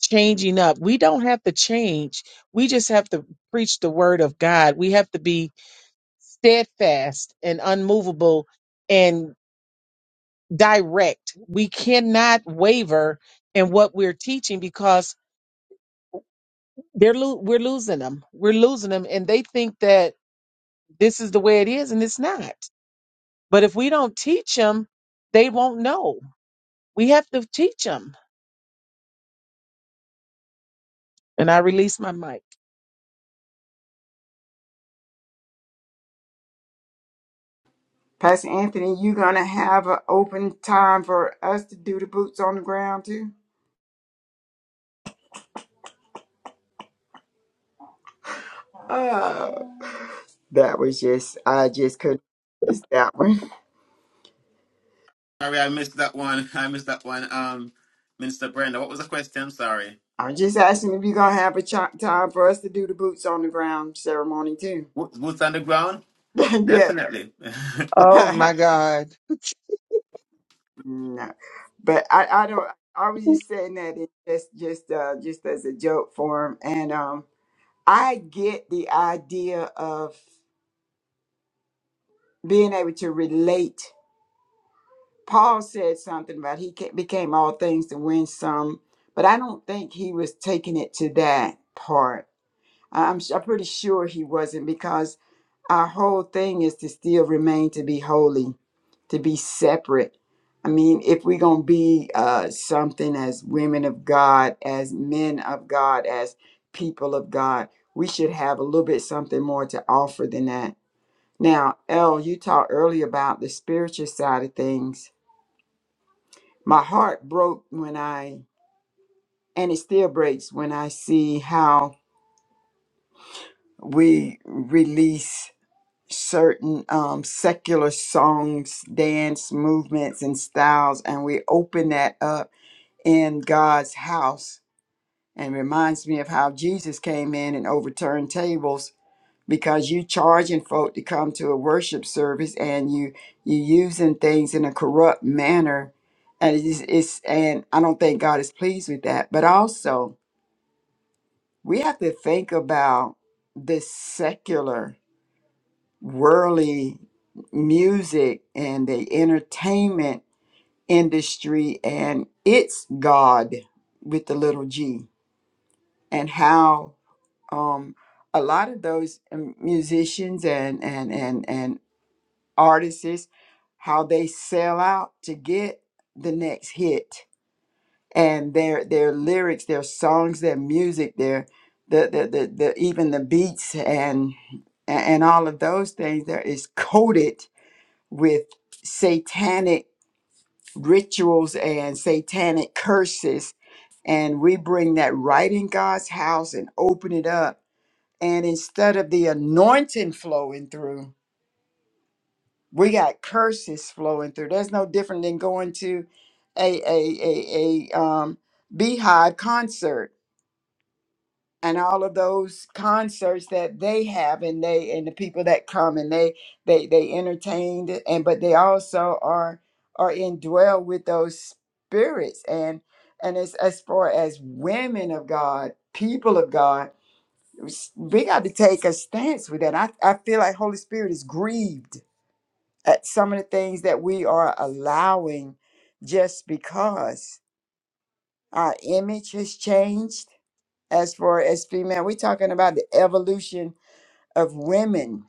Speaker 2: changing up we don't have to change we just have to preach the word of god we have to be steadfast and unmovable and direct we cannot waver in what we're teaching because they're lo- we're losing them we're losing them and they think that this is the way it is and it's not but if we don't teach them they won't know we have to teach them And I release my mic.
Speaker 1: Pastor Anthony, you gonna have an open time for us to do the boots on the ground too? Oh, that was just I just couldn't miss that one.
Speaker 4: Sorry, I missed that one. I missed that one. Um, Minister Brenda, what was the question? Sorry.
Speaker 1: I'm just asking if you're gonna have a ch- time for us to do the boots on the ground ceremony too.
Speaker 4: Wo- Boots on the ground?
Speaker 1: yeah,
Speaker 4: Definitely.
Speaker 3: Oh my God. I
Speaker 1: no, but I I don't. I was just saying that it just just uh just as a joke for him, and um I get the idea of being able to relate Paul said something about he ca- became all things to win some, but I don't think he was taking it to that part. I- I'm, s- I'm pretty sure he wasn't because our whole thing is to still remain to be holy, to be separate. I mean, if we're going to be uh, something as women of God, as men of God, as people of God, we should have a little bit something more to offer than that. Now, El, you talked earlier about the spiritual side of things my heart broke when I, and it still breaks when I see how we release certain um, secular songs, dance movements, and styles, and we open that up in God's house. And reminds me of how Jesus came in and overturned tables because you charging folk to come to a worship service and you you using things in a corrupt manner and it's, it's and I don't think God is pleased with that. But also we have to think about this secular worldly music and the entertainment industry and its god with the little g and how um a lot of those um, musicians and and and and artists how they sell out to get the next hit and their their lyrics, their songs, their music, their the the the, the even the beats and and all of those things that is coated with satanic rituals and satanic curses and we bring that right in God's house and open it up and instead of the anointing flowing through we got curses flowing through that's no different than going to a a a, a um beehive concert and all of those concerts that they have and they and the people that come and they they they entertained and but they also are are indwell with those spirits and and as as far as women of god people of god s- we got to take a stance with that i, I feel like holy spirit is grieved at some of the things that we are allowing just because our image has changed as far as female we're talking about the evolution of women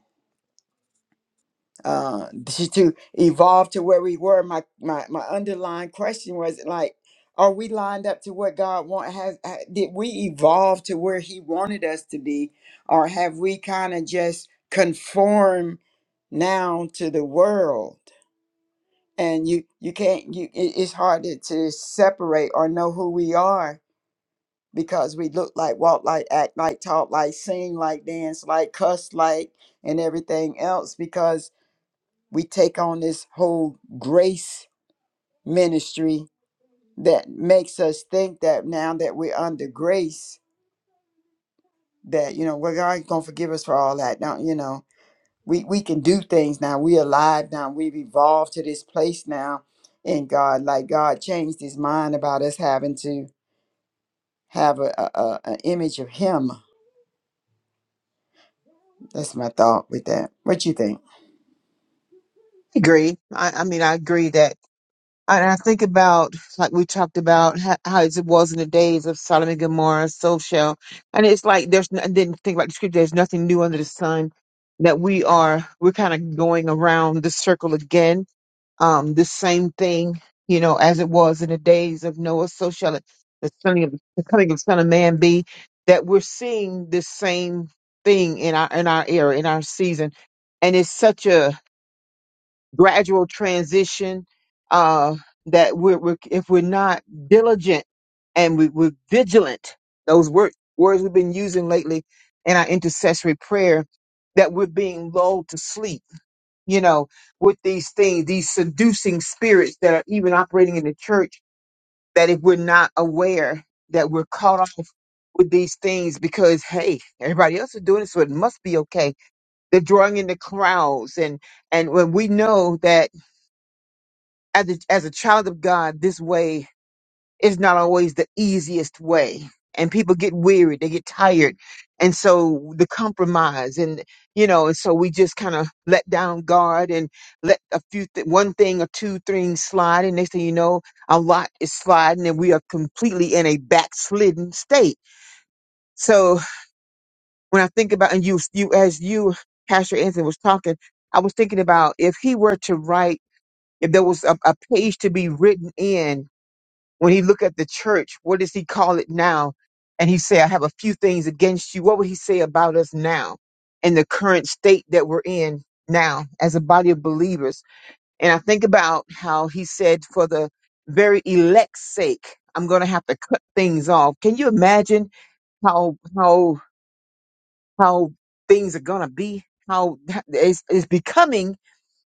Speaker 1: uh, to, to evolve to where we were. My, my my underlying question was like, are we lined up to what God want? Has ha- did we evolve to where He wanted us to be, or have we kind of just conform now to the world? And you you can't you it, it's hard to, to separate or know who we are because we look like, walk like, act like, talk like, sing like, dance like, cuss like, and everything else because we take on this whole grace ministry that makes us think that now that we're under grace that you know well god gonna forgive us for all that now you know we we can do things now we are alive now we've evolved to this place now and god like god changed his mind about us having to have a, a, a a image of him that's my thought with that what you think
Speaker 3: agree. I, I mean, I agree that, and I think about, like we talked about, how, how it was in the days of Solomon and Gomorrah, so shall. And it's like, there's, n- I didn't think about the scripture, there's nothing new under the sun that we are, we're kind of going around the circle again um, this same thing, you know, as it was in the days of Noah, so shall it, the son of the coming of the Son of Man be. That we're seeing this same thing in our in our era, in our season, and it's such a gradual transition uh, that we're, we're if we're not diligent and we, we're vigilant, those word, words we've been using lately in our intercessory prayer, that we're being lulled to sleep you know, with these things, these seducing spirits that are even operating in the church, that if we're not aware that we're caught off with these things because hey, everybody else is doing it, so it must be okay. They're drawing in the crowds and and when we know that as a, as a child of God, this way it's not always the easiest way and people get weary they get tired and so the compromise and you know and so we just kind of let down guard and let a few th- one thing or two things slide and next thing you know a lot is sliding and we are completely in a backslidden state so when i think about and you you as you pastor anthony was talking i was thinking about if he were to write if there was a, a page to be written in when he look at the church, what does he call it now? And he say, I have a few things against you. What would he say about us now in the current state that we're in now as a body of believers? And I think about how he said, for the very elect's sake, I'm going to have to cut things off. Can you imagine how, how, how things are going to be? How it's, it's becoming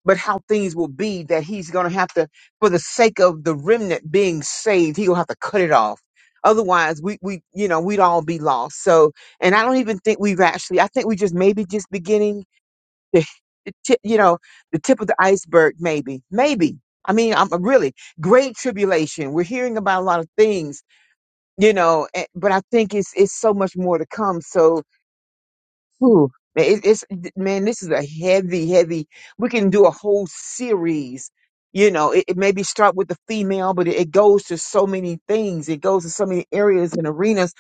Speaker 3: but how things will be that he's going to have to, for the sake of the remnant being saved, he'll have to cut it off. Otherwise, we, we, you know, we'd all be lost. So, and I don't even think we've actually, I think we just maybe just beginning to hit, tip, you know, the tip of the iceberg, maybe, maybe. I mean, I'm I'm really great tribulation. We're hearing about a lot of things, you know, eh, but I think it's, it's so much more to come. So, Whew. Man, it, it's man, this is a heavy, heavy. We can do a whole series. You know, it, it maybe start with the female, but it, it goes to so many things. It goes to so many areas and arenas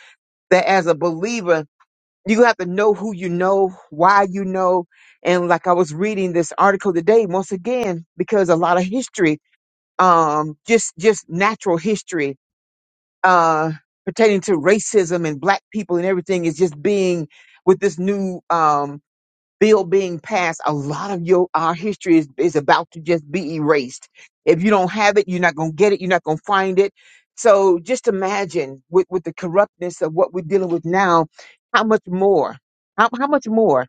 Speaker 3: that, as a believer, you have to know who you know, why you know, and like I was reading this article today, once again, because a lot of history, um, just just natural history, uh, pertaining to racism and black people and everything is just being with this new um bill being passed, a lot of your our history is, is about to just be erased. If you don't have it, you're not gonna get it, you're not gonna find it. So just imagine with, with the corruptness of what we're dealing with now, how much more? How, how much more?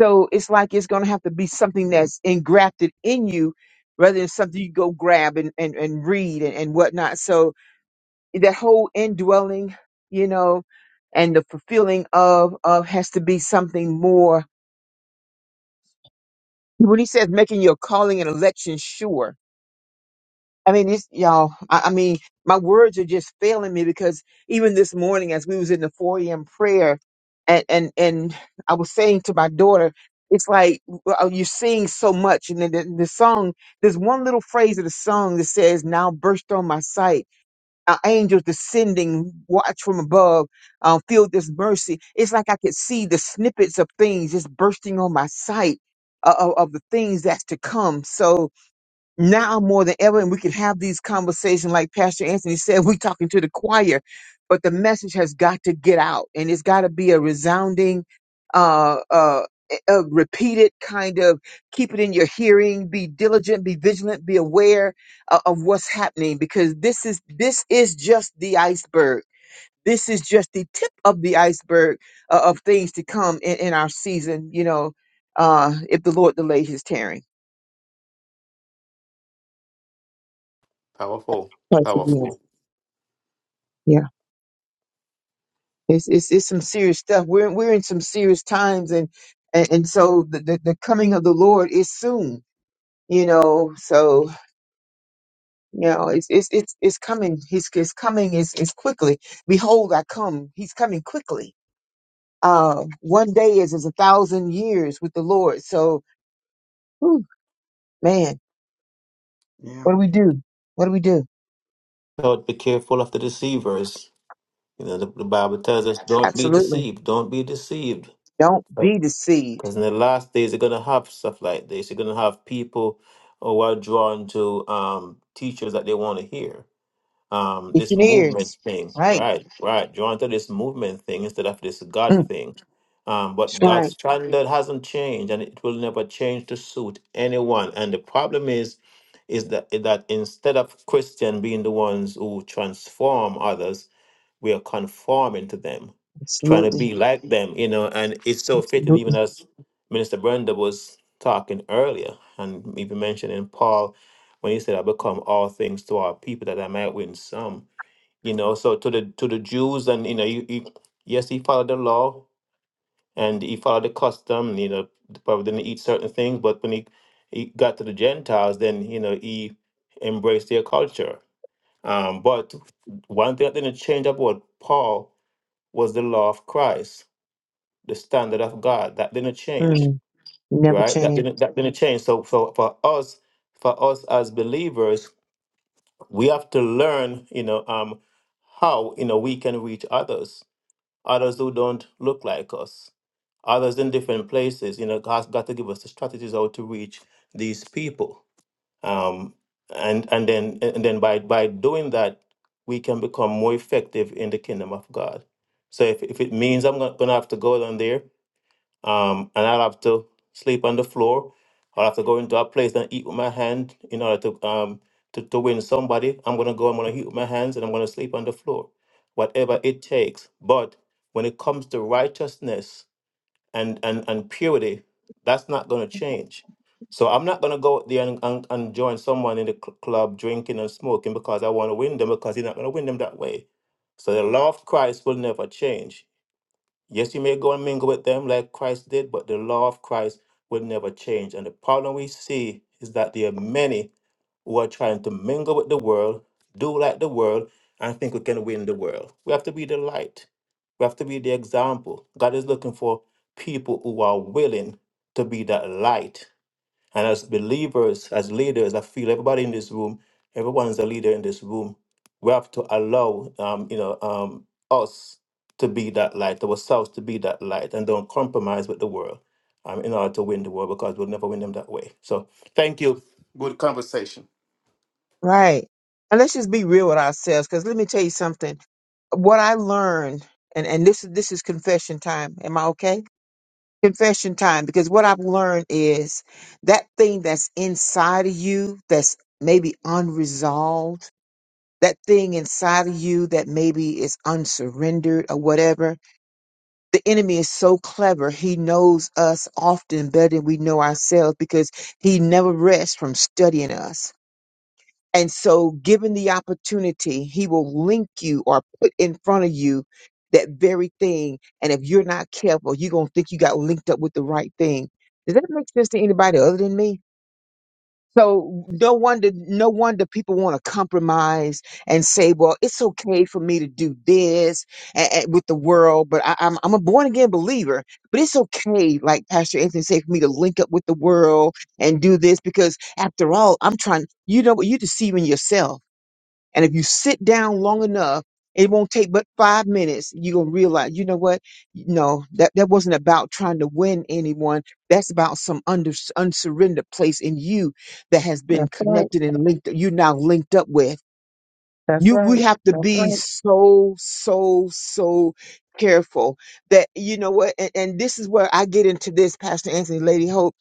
Speaker 3: So it's like it's gonna have to be something that's engrafted in you rather than something you go grab and, and, and read and, and whatnot. So that whole indwelling, you know, and the fulfilling of of has to be something more when he says making your calling and election sure i mean it's y'all I, I mean my words are just failing me because even this morning as we was in the 4 a.m prayer and and and i was saying to my daughter it's like well, you're seeing so much and then the, the song there's one little phrase of the song that says now burst on my sight uh, angels descending, watch from above, uh, feel this mercy. It's like I could see the snippets of things just bursting on my sight uh, of, of the things that's to come. So, now more than ever, and we can have these conversations like Pastor Anthony said, we're talking to the choir, but the message has got to get out and it's got to be a resounding, uh, uh, a repeated kind of keep it in your hearing, be diligent, be vigilant, be aware uh, of what's happening because this is, this is just the iceberg. This is just the tip of the iceberg uh, of things to come in, in our season, you know, uh, if the Lord delay his tearing.
Speaker 4: Powerful.
Speaker 3: Once again.
Speaker 4: Powerful.
Speaker 3: yeah. It's, it's it's some serious stuff. We're we're in some serious times, and and, and so the, the the coming of the Lord is soon. You know, so you know it's it's it's it's coming. He's it's coming is is quickly. Behold, I come. He's coming quickly. Uh, one day is as a thousand years with the Lord. So, whew, man,
Speaker 1: yeah
Speaker 3: what do we do? What do we do?
Speaker 4: God, be careful of the deceivers. You know, the, the Bible tells us, don't be
Speaker 3: Absolutely,
Speaker 4: deceived. Don't be deceived.
Speaker 3: don't be deceived.
Speaker 4: Because in the last days, you're going to have stuff like this. You're going to have people who are drawn to um, teachers that they want to hear. um
Speaker 3: Get
Speaker 4: this
Speaker 3: your
Speaker 4: movement
Speaker 3: ears
Speaker 4: thing
Speaker 3: right.
Speaker 4: right right drawn to this movement thing instead of this god
Speaker 3: Mm,
Speaker 4: thing um
Speaker 3: that's
Speaker 4: but god's
Speaker 3: right.
Speaker 4: standard hasn't changed and it will never change to suit anyone and the problem is is that that instead of christian being the ones who transform others we are conforming to them, trying to
Speaker 3: Absolutely.
Speaker 4: be like them, you know. And it's so fitting, even
Speaker 3: Absolutely.
Speaker 4: as Minister Brenda was talking earlier, and even mentioning Paul when he said, "I become all things to our people, that I might win some." You know, so to the to the Jews, and you know, you, you yes, he followed the law and he followed the custom. You know, probably didn't eat certain things, but when he he got to the Gentiles, then you know he embraced their culture. Um, but one thing that didn't change about Paul was the law of Christ, the standard of God. That didn't change,
Speaker 3: Mm, never
Speaker 4: right? That
Speaker 3: change.
Speaker 4: didn't that didn't change. So for, for us, for us as believers, we have to learn, you know, um, how you know we can reach others, others who don't look like us, others in different places. You know, God's got to give us the strategies how to reach these people um, and and then and then by by doing that we can become more effective in the kingdom of god so if, if it means i'm gonna have to go down there um, and i'll have to sleep on the floor i'll have to go into a place and eat with my hand in order to um to, to win somebody i'm gonna go i'm gonna eat with my hands and i'm gonna sleep on the floor whatever it takes but when it comes to righteousness and and and purity that's not going to change so i'm not going to go out there and, and, and join someone in the cl- club drinking and smoking because i want to win them because you're not going to win them that way so the law of christ will never change yes you may go and mingle with them like christ did but the law of christ will never change and the problem we see is that there are many who are trying to mingle with the world, do like the world, and think we can win the world. We have to be the light. We have to be the example. God is looking for people who are willing to be that light. And as believers, as leaders, I feel everybody in this room, everyone is a leader in this room. We have to allow, um, you know, um, us to be that light, ourselves to be that light, and don't compromise with the world um, in order to win the world because we'll never win them that way. So, thank you. Good conversation.
Speaker 3: Right. And let's just be real with ourselves because let me tell you something. What I learned, and, and this is this is confession time. Am I okay? Confession time, because what I've learned is that thing that's inside of you that's maybe unresolved, that thing inside of you that maybe is unsurrendered or whatever. The enemy is so clever, he knows us often better than we know ourselves because he never rests from studying us and so, given the opportunity, he will link you or put in front of you that very thing. And if you're not careful, you're going to think you got linked up with the right thing. Does that make sense to anybody other than me? So no wonder, no wonder people want to compromise and say, "Well, it's okay for me to do this and, with the world, but I, I'm I'm a born again believer. But it's okay, like Pastor Anthony said, for me to link up with the world and do this because, after all, I'm trying. You know, what? you're deceiving yourself and if you sit down long enough, it won't take but five minutes. You're going to realize, you know what? No, that, that wasn't about trying to win anyone. That's about some under, unsurrendered place in you that has been
Speaker 2: That's right.
Speaker 3: connected and linked. You're now linked up with.
Speaker 2: That's
Speaker 3: You, we
Speaker 2: right.
Speaker 3: have to
Speaker 2: That's
Speaker 3: be
Speaker 2: right.
Speaker 3: so, so, so careful that, you know what? And, and this is where I get into this, Pastor Anthony, Lady Hope.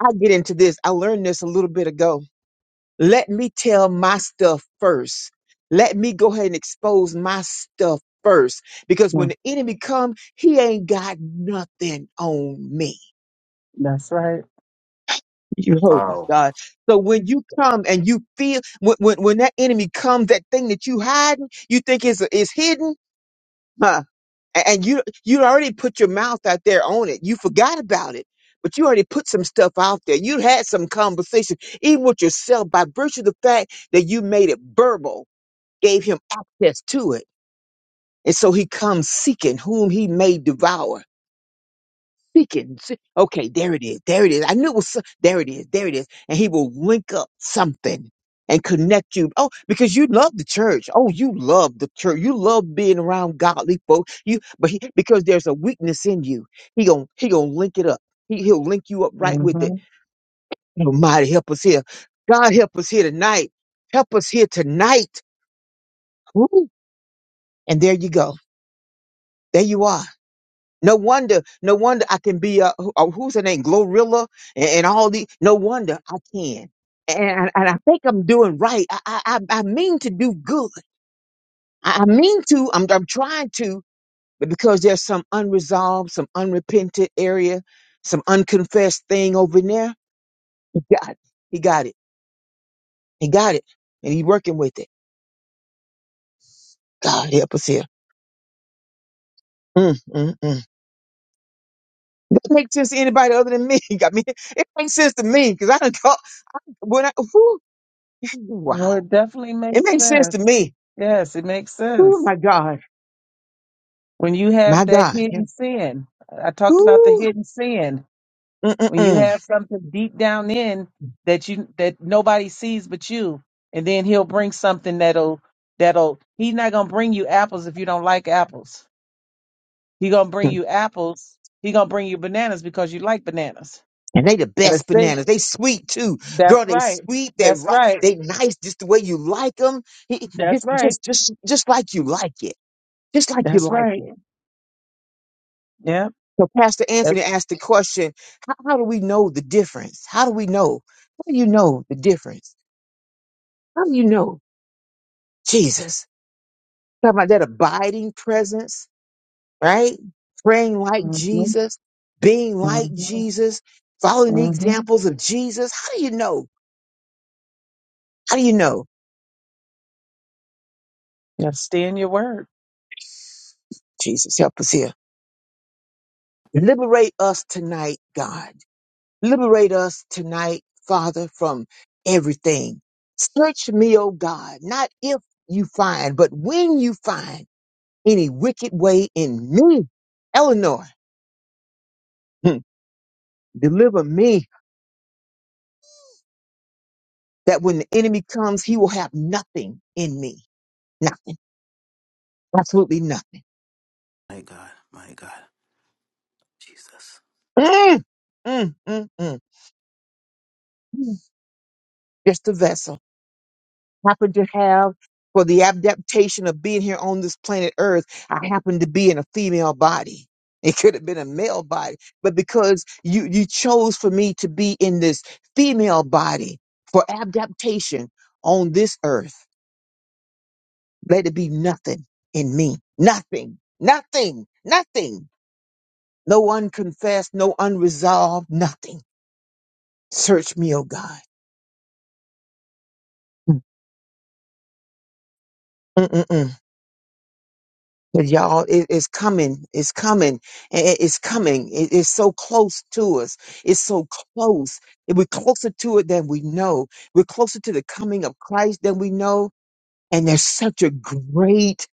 Speaker 3: I get into this. I learned this a little bit ago let me tell my stuff first. Let me go ahead and expose my stuff first. Because when
Speaker 2: Mm.
Speaker 3: the enemy come, he ain't got nothing on me.
Speaker 2: That's right.
Speaker 3: You, oh my
Speaker 4: Wow.
Speaker 3: God. So when you come and you feel, when, when, when that enemy comes, that thing that you hiding, you think is, is hidden, huh? A- And you, you already put your mouth out there on it. You forgot about it, but you already put some stuff out there. You had some conversation, even with yourself by virtue of the fact that you made it verbal gave him access to it. And so he comes seeking whom he may devour. Seeking. se- Okay, there it is. There it is. I knew it was, so- there it is. There it is. And he will link up something and connect you. Oh, because you love the church. Oh, you love the church. You love being around godly folk. You, but he, because there's a weakness in you, he gonna, he gonna link it up. He, he'll link you up right with it.
Speaker 2: Mm-hmm.
Speaker 3: Almighty help us here. God help us here tonight. Help us here tonight. Woo. And there you go. There you are No wonder, no wonder I can be uh, who- uh, who's her name, Glorilla, and, and all the. No wonder I can, and and I think I'm doing right. I I I I mean to do good. I, I mean to. I'm I'm trying to, but because there's some unresolved, some unrepented area, some unconfessed thing over in there. He got it. he got it. He got it, and he's working with it. God help us here. Mm, mm, mm. That makes sense to anybody other than me. I mean, it makes sense to me because I don't. When I, whew, wow.
Speaker 2: No, it definitely
Speaker 3: It
Speaker 2: makes
Speaker 3: makes sense
Speaker 2: sense.
Speaker 3: to me.
Speaker 2: Yes, it makes
Speaker 3: Oh
Speaker 2: sense.
Speaker 3: my God.
Speaker 2: When you
Speaker 3: My
Speaker 2: have that
Speaker 3: God. Yeah.
Speaker 2: hidden sin, I talked about the
Speaker 3: Ooh.
Speaker 2: hidden sin. When you
Speaker 3: Mm-mm-mm.
Speaker 2: have something deep down in that you that nobody sees but you, and then he'll bring something that'll that'll he's not gonna bring you apples if you don't like apples. He gonna bring you apples. He gonna bring you bananas because you like bananas.
Speaker 3: And they the
Speaker 2: And the
Speaker 3: best
Speaker 2: sin
Speaker 3: bananas. They sweet too.
Speaker 2: That's
Speaker 3: Girl, they
Speaker 2: right.
Speaker 3: sweet. They
Speaker 2: That's
Speaker 3: right.
Speaker 2: right.
Speaker 3: They nice just the way you like them.
Speaker 2: That's
Speaker 3: Just,
Speaker 2: right.
Speaker 3: just, just, just like you like it. Just like you
Speaker 2: That's
Speaker 3: like
Speaker 2: right.
Speaker 3: it.
Speaker 2: Yeah.
Speaker 3: So Pastor
Speaker 2: That's
Speaker 3: Anthony asked the question, how, how do we know the difference? How do we know? How do you know the difference? How do you know? Jesus. Talking about that abiding presence right? Praying like
Speaker 2: mm-hmm,
Speaker 3: Jesus, being like
Speaker 2: mm-hmm,
Speaker 3: Jesus, following the
Speaker 2: mm-hmm.
Speaker 3: examples of Jesus. How do you know? How do you know?
Speaker 2: You have to stay in your word.
Speaker 3: Jesus, help us here. Liberate us tonight, God. Liberate us tonight, Father, from everything. Search me, O God, not if you find, but when you find any wicked way in me, Eleanor, hmm, deliver me that when the enemy comes, he will have nothing in me. Nothing. Absolutely nothing
Speaker 4: My God, my God, Jesus.
Speaker 3: Mm, mm, mm, mm. Just a vessel. Happen to have for the adaptation of being here on this planet Earth. I happen to be in a female body. It could have been a male body, but because you you chose for me to be in this female body for adaptation on this earth, let it be nothing in me. Nothing. Nothing. Nothing. No unconfessed, no unresolved, nothing. Search me, oh God. Mm, mm, mm, mm. But y'all, it, it's coming. It's coming. I- I- It's coming. It- it's so close to us. It's so close. And We're closer to it than we know. We're closer to the coming of Christ than we know. And there's such a great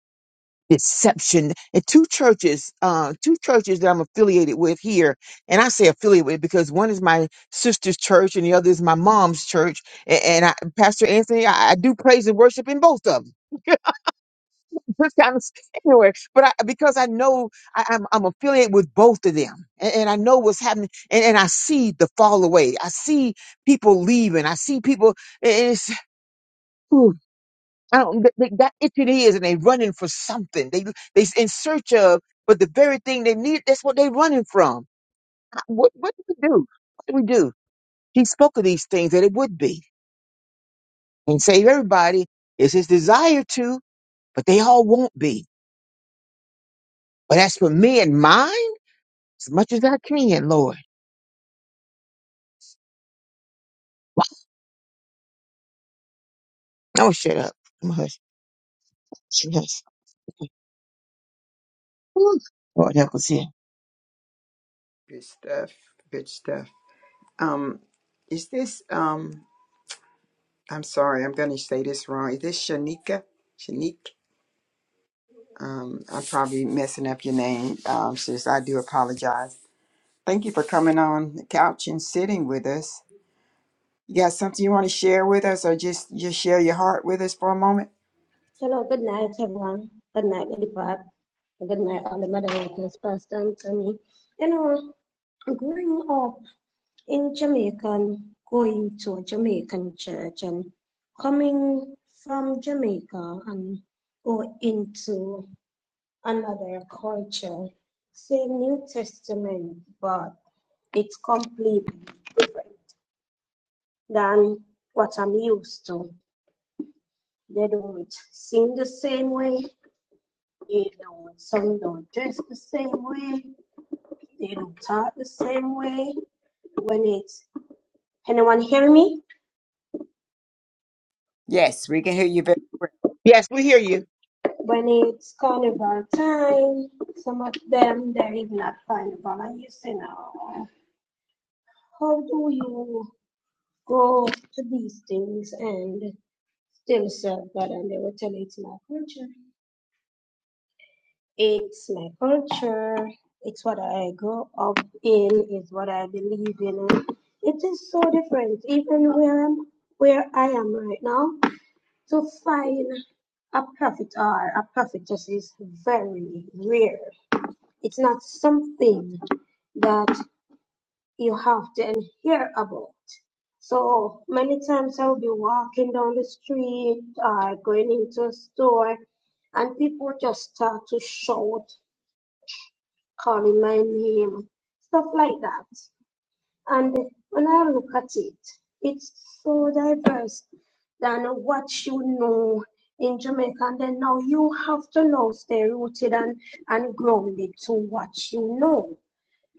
Speaker 3: deception. And two churches, uh, two churches that I'm affiliated with here. And I say affiliated with because one is my sister's church and the other is my mom's church. A- And, I, Pastor Anthony, I, I do praise and worship in both of them just kind of anywhere. But I, because I know I, I'm, I'm affiliated with both of them, and, and I know what's happening, and, and I see the fall away. I see people leaving. I see people. and It's whew, I don't they, they got itching ears, and they running for something. They they in search of, but the very thing they need. That's what they running from. I- What what do we do? What do we do? He spoke of these things that it would be and save everybody. It's his desire to, but they all won't be. But as for me and mine. as much as I can, Lord. Oh, shut up. I'm hush. Yes. Whew. Lord help us here.
Speaker 1: Good stuff. Good stuff. Um, is this um? I'm sorry, I'm gonna say this wrong. Is this Shanika? Shanique? Um, I'm probably messing up your name. Um, sis, I do apologize. Thank you for coming on the couch and sitting with us. You got something you want to share with us, or just just share your heart with us for a moment?
Speaker 5: Hello, good night, everyone. Good night, Lady Park. Good night, all the moderators, Pastor Anthony. You know, growing up in Jamaica, going to a Jamaican church and coming from Jamaica and go into another culture, same New Testament, but it's completely different than what I'm used to. They don't sing the same way You know, some don't dress the same way. They don't talk the same way. When it's anyone hear me?
Speaker 1: Yes, we can hear you very well.
Speaker 3: Yes, we hear you.
Speaker 5: When it's carnival time, some of them there is not carnival. And you say now, how do you go to these things and still serve God? And they will tell you it's not culture. It's my culture. It's what I grew up in. It's what I believe in. It is so different, even where I'm, where I am right now. To find a prophet or a prophetess is very rare. It's not something that you have to hear about. So many times I'll be walking down the street or going into a store, and people just start to shout remind him, stuff like that. And when I look at it, it's so diverse than what you know in Jamaica. And then now you have to now stay rooted and, and grounded to what you know,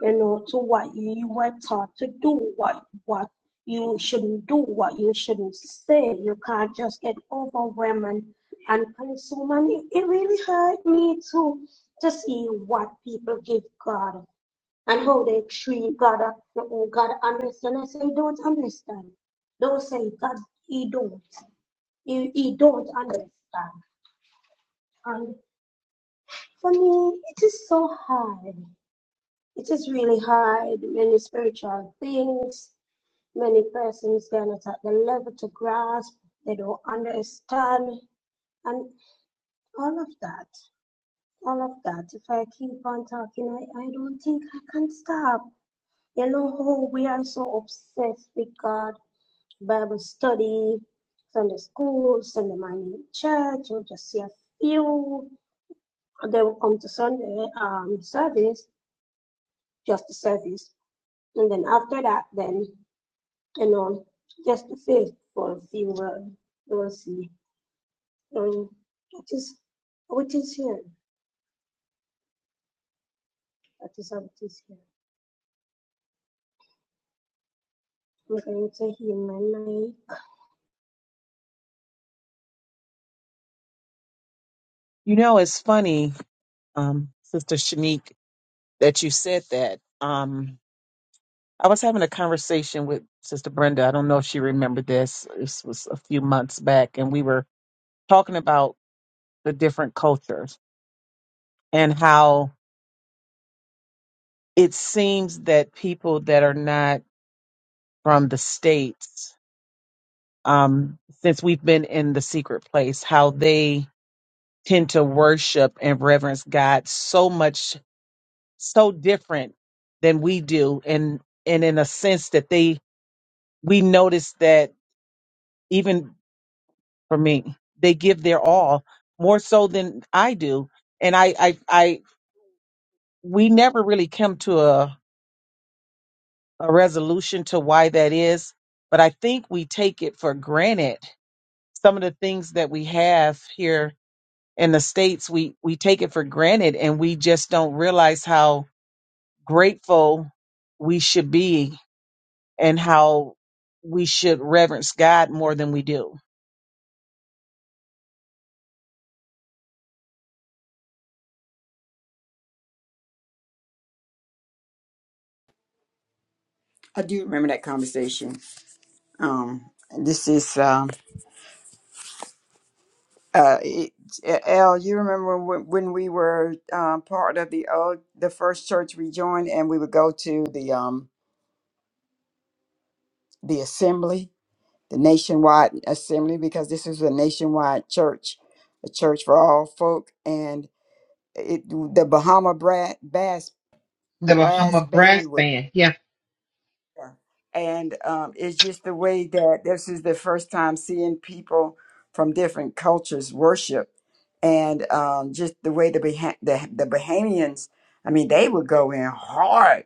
Speaker 5: you know, to what you were taught to do, what what you shouldn't do, what you shouldn't say. You can't just get overwhelmed and, and consume. And it, it really hurt me to to see what people give God and how they treat God, uh, uh, God understand. I say, "You don't understand. Don't say God, he don't. He, he don't understand. And for me, it is so hard. It is really hard. Many spiritual things, many persons, they're not at the level to grasp. They don't understand. And all of that, all of that. If I keep on talking, I, I don't think I can stop. You know how we are so obsessed with God Bible study, Sunday school, Sunday morning church. You'll just see a few. They will come to Sunday um, service, just the service. And then after that, then, you know, just the faithful few will, will see. Um, that is what is here. That is how it is here. I'm going to hear my mic.
Speaker 2: You know, it's funny, um, Sister Shanique, that you said that. Um, I was having a conversation with Sister Brenda. I don't know if she remembered this. This was a few months back, and we were talking about the different cultures and how it seems that people that are not from the states um, since we've been in the secret place, how they tend to worship and reverence God so much, so different than we do, and and in a sense that they we notice that even for me, they give their all more so than I do, and I I, I we never really come to a a resolution to why that is, but I think we take it for granted some of the things that we have here in the states we we take it for granted and we just don't realize how grateful we should be and how we should reverence God more than we do
Speaker 1: I do remember that conversation. Um, this is um. uh, it- Al, you remember when, when we were um, part of the old, the first church we joined, and we would go to the um, the assembly, the nationwide assembly, because this is a nationwide church, a church for all folk, and it the Bahama Brat Bass Brass Band and um, it's just the way that this is the first time seeing people from different cultures worship, and um, just the way the, Bah- the the Bahamians, I mean, they would go in hard,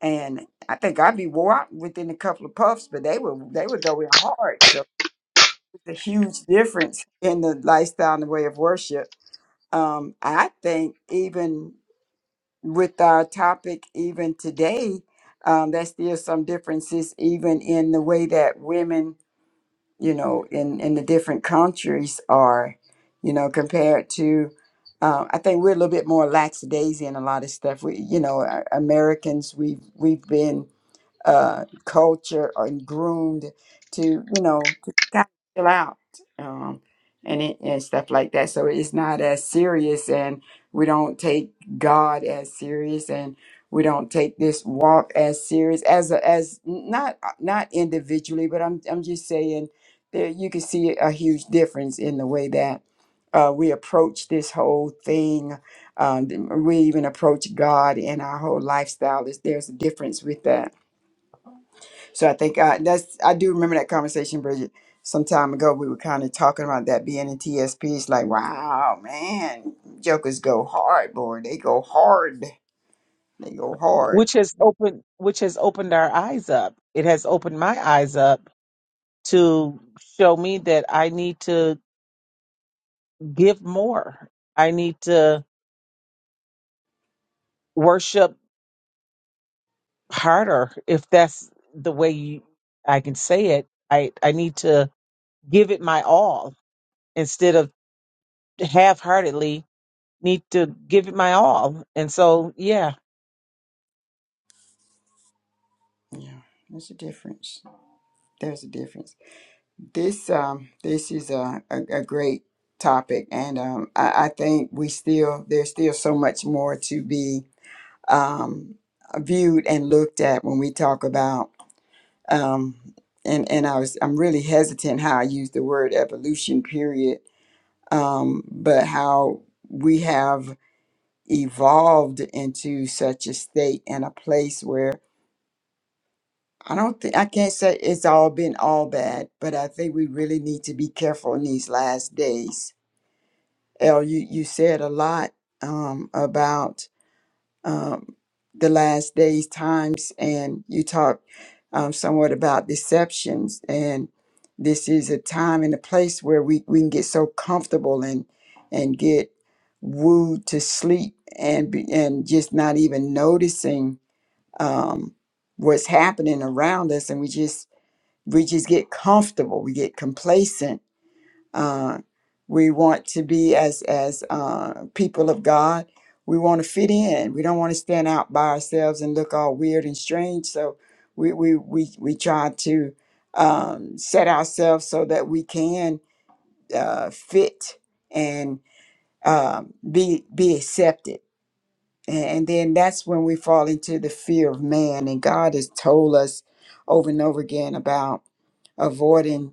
Speaker 1: and I think I'd be wore out within a couple of puffs, but they would they would go in hard. So it's a huge difference in the lifestyle and the way of worship. Um, I think even with our topic even today um, there's still some differences even in the way that women you know in in the different countries are you know compared to uh, i think we're a little bit more lackadaisy in a lot of stuff we you know uh, americans we've we've been uh, culture and groomed to, you know, to kind of chill out um, and, it, and stuff like that. So it's not as serious, and we don't take God as serious, and we don't take this walk as serious as a, as not uh, not individually, but I'm I'm just saying that you can see a huge difference in the way that. Uh, we approach this whole thing. Um, we even approach God in our whole lifestyle. There's there's a difference with that so I think I, that's I do remember that conversation, Bridget. Some time ago, we were kind of talking about that being in T S P. It's Like, wow, man, jokers go hard, boy. They go hard. They go hard.
Speaker 2: which has opened which has opened our eyes up it has opened my eyes up to show me that I need to give more I need to worship harder if that's the way you, I can say it I I need to give it my all instead of half-heartedly need to give it my all. And so, yeah,
Speaker 1: Yeah, there's a difference. There's a difference. This um, this is a a, a great topic, and um, I, I think we still there's still so much more to be um viewed and looked at when we talk about um, and and I was I'm really hesitant how I use the word evolution period, um, but how we have evolved into such a state and a place where I don't think I can't say it's all been all bad, but I think we really need to be careful in these last days. El, you you said a lot um, about um, the last days times and you talked um, somewhat about deceptions and this is a time and a place where we, we can get so comfortable and and get wooed to sleep and be, and just not even noticing um, what's happening around us and we just we just get comfortable we get complacent uh, we want to be as as uh, people of God. We want to fit in. We don't want to stand out by ourselves and look all weird and strange. So we we we we try to um, set ourselves so that we can uh, fit and um, be be accepted. And, and then that's when we fall into the fear of man. And God has told us over and over again about avoiding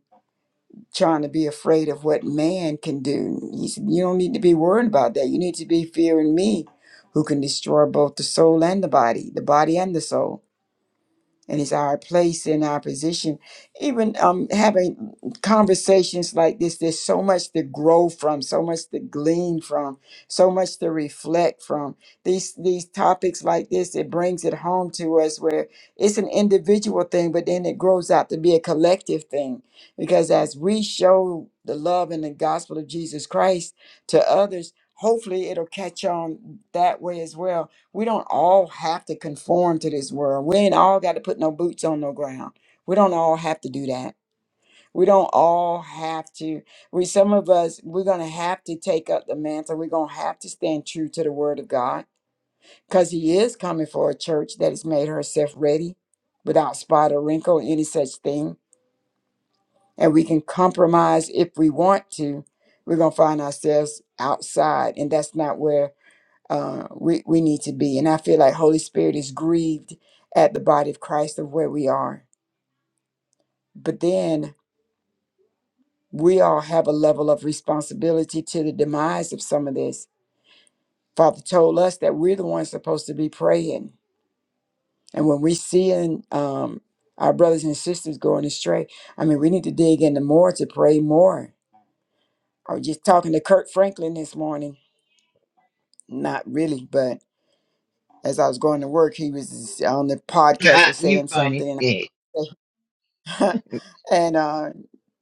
Speaker 1: trying to be afraid of what man can do. He said, You don't need to be worried about that. You need to be fearing me, who can destroy both the soul and the body, the body and the soul and it's our place and our position. Even um, having conversations like this, there's so much to grow from, so much to glean from, so much to reflect from. These these topics like this, it brings it home to us where it's an individual thing, but then it grows out to be a collective thing because as we show the love and the gospel of Jesus Christ to others. Hopefully, it'll catch on that way as well we don't all have to conform to this world. We ain't all got to put no boots on no ground. We don't all have to do that. We don't all have to. We some of us we're gonna have to take up the mantle. We're gonna have to stand true to the word of God because He is coming for a church that has made herself ready, without spot or wrinkle, any such thing. And we can compromise if we want to. We're gonna find ourselves outside, and that's not where uh, we, we need to be. And I feel like Holy Spirit is grieved at the body of Christ of where we are. But then we all have a level of responsibility to the demise of some of this. Father told us that we're the ones supposed to be praying. And when we seeing um, our brothers and sisters going astray, I mean, we need to dig into more to pray more. I was just talking to Kurt Franklin this morning. Not really, but as I was going to work, he was on the podcast or
Speaker 3: You
Speaker 1: saying
Speaker 3: funny.
Speaker 1: something.
Speaker 3: Yeah.
Speaker 1: And uh,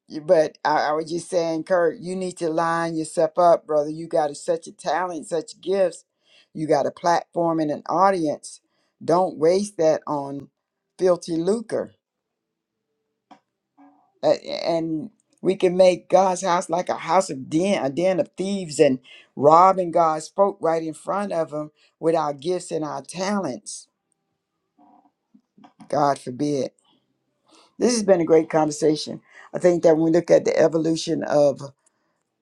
Speaker 1: you- but I, I was just saying, Kurt, you need to line yourself up, brother. You got a, such a talent, such gifts. You got a platform and an audience. Don't waste that on filthy lucre. Uh, and we can make God's house like a house of den, a den of thieves, and robbing God's folk right in front of them with our gifts and our talents. God forbid. This has been a great conversation. I think that when we look at the evolution of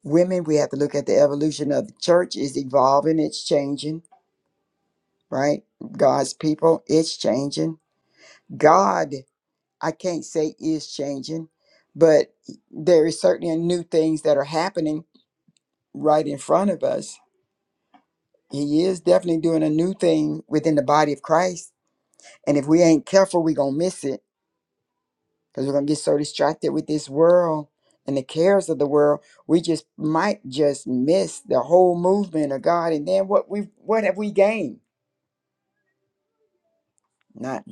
Speaker 1: women we have to look at the evolution of the church is evolving it's changing right god's people it's changing god i can't say is changing but there is certainly new things that are happening right in front of us he is definitely doing a new thing within the body of christ and if we ain't careful we're gonna miss it because we're gonna get so distracted with this world and the cares of the world we just might just miss the whole movement of god and then what we what have we gained Not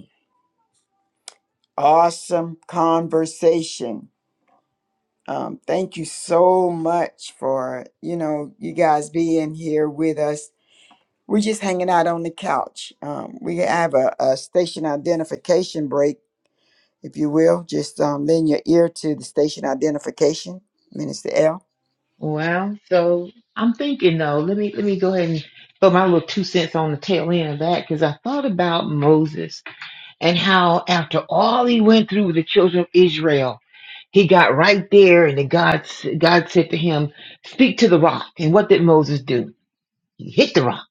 Speaker 1: awesome conversation. Um, thank you so much for you know you guys being here with us. We're just hanging out on the couch. Um, we have a, a station identification break, if you will. Just um, lend your ear to the station identification, Minister L.
Speaker 3: Well, so I'm thinking though, let me let me go ahead and put my little two cents on the tail end of that because I thought about Moses and how after all he went through with the children of Israel, he got right there and then God s- God said to him, "Speak to the rock." And what did Moses do? He hit the rock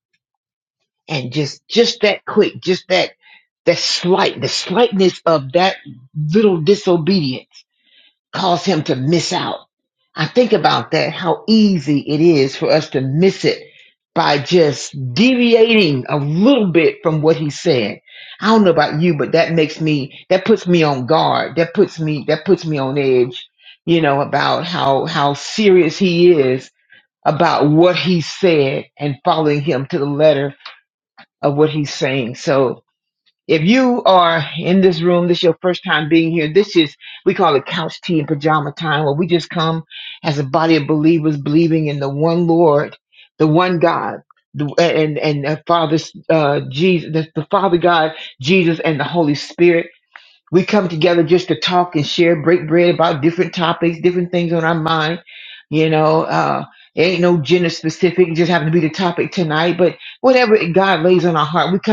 Speaker 3: and just just that quick, just that That slight, the slightness of that little disobedience caused him to miss out. I think about that, how easy it is for us to miss it by just deviating a little bit from what he said. I don't know about you, but that makes me, that puts me on guard. That puts me, that puts me on edge, you know, about how, how serious he is about what he said and following him to the letter of what he's saying. So, if you are in this room, this is your first time being here. This is, we call it couch tea and pajama time, where we just come as a body of believers believing in the one Lord, the one God, the, and, and uh, Father, uh, Jesus, the, the Father God, Jesus, and the Holy Spirit. We come together just to talk and share things on our mind, you know, uh, eh, but we're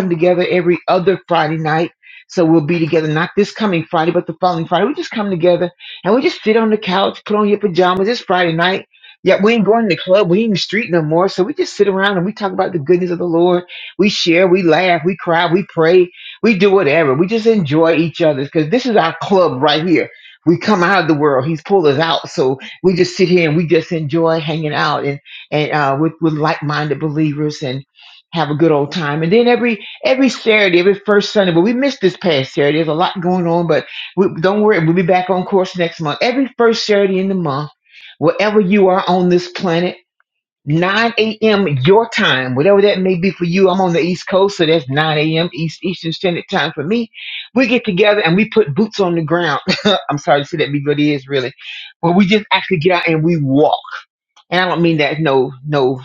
Speaker 3: together every other night. So, we but together, and we, night. yeah, we're in the club. We, we talk about the Lord. We share, we laugh, we cry, we pray, we do whatever. We just enjoy each other because this is our club right here. We come out of the world. He's pulled us out, so we just sit here and we just enjoy hanging out and and uh, with with like-minded believers and have a good old time. And then every every Saturday, every first Sunday, but we missed this past Saturday. There's a lot going on, but we, don't worry, we'll be back on course next month. Every first Saturday in the month, wherever you are on this planet 9 a.m. your time, whatever that may be for you. I'm on the East Coast, so that's 9 a.m. East Eastern Standard Time for me. We get together and we put boots on the ground. I'm sorry to say that, but it is really. But we just actually get out and we walk. And I don't mean that no no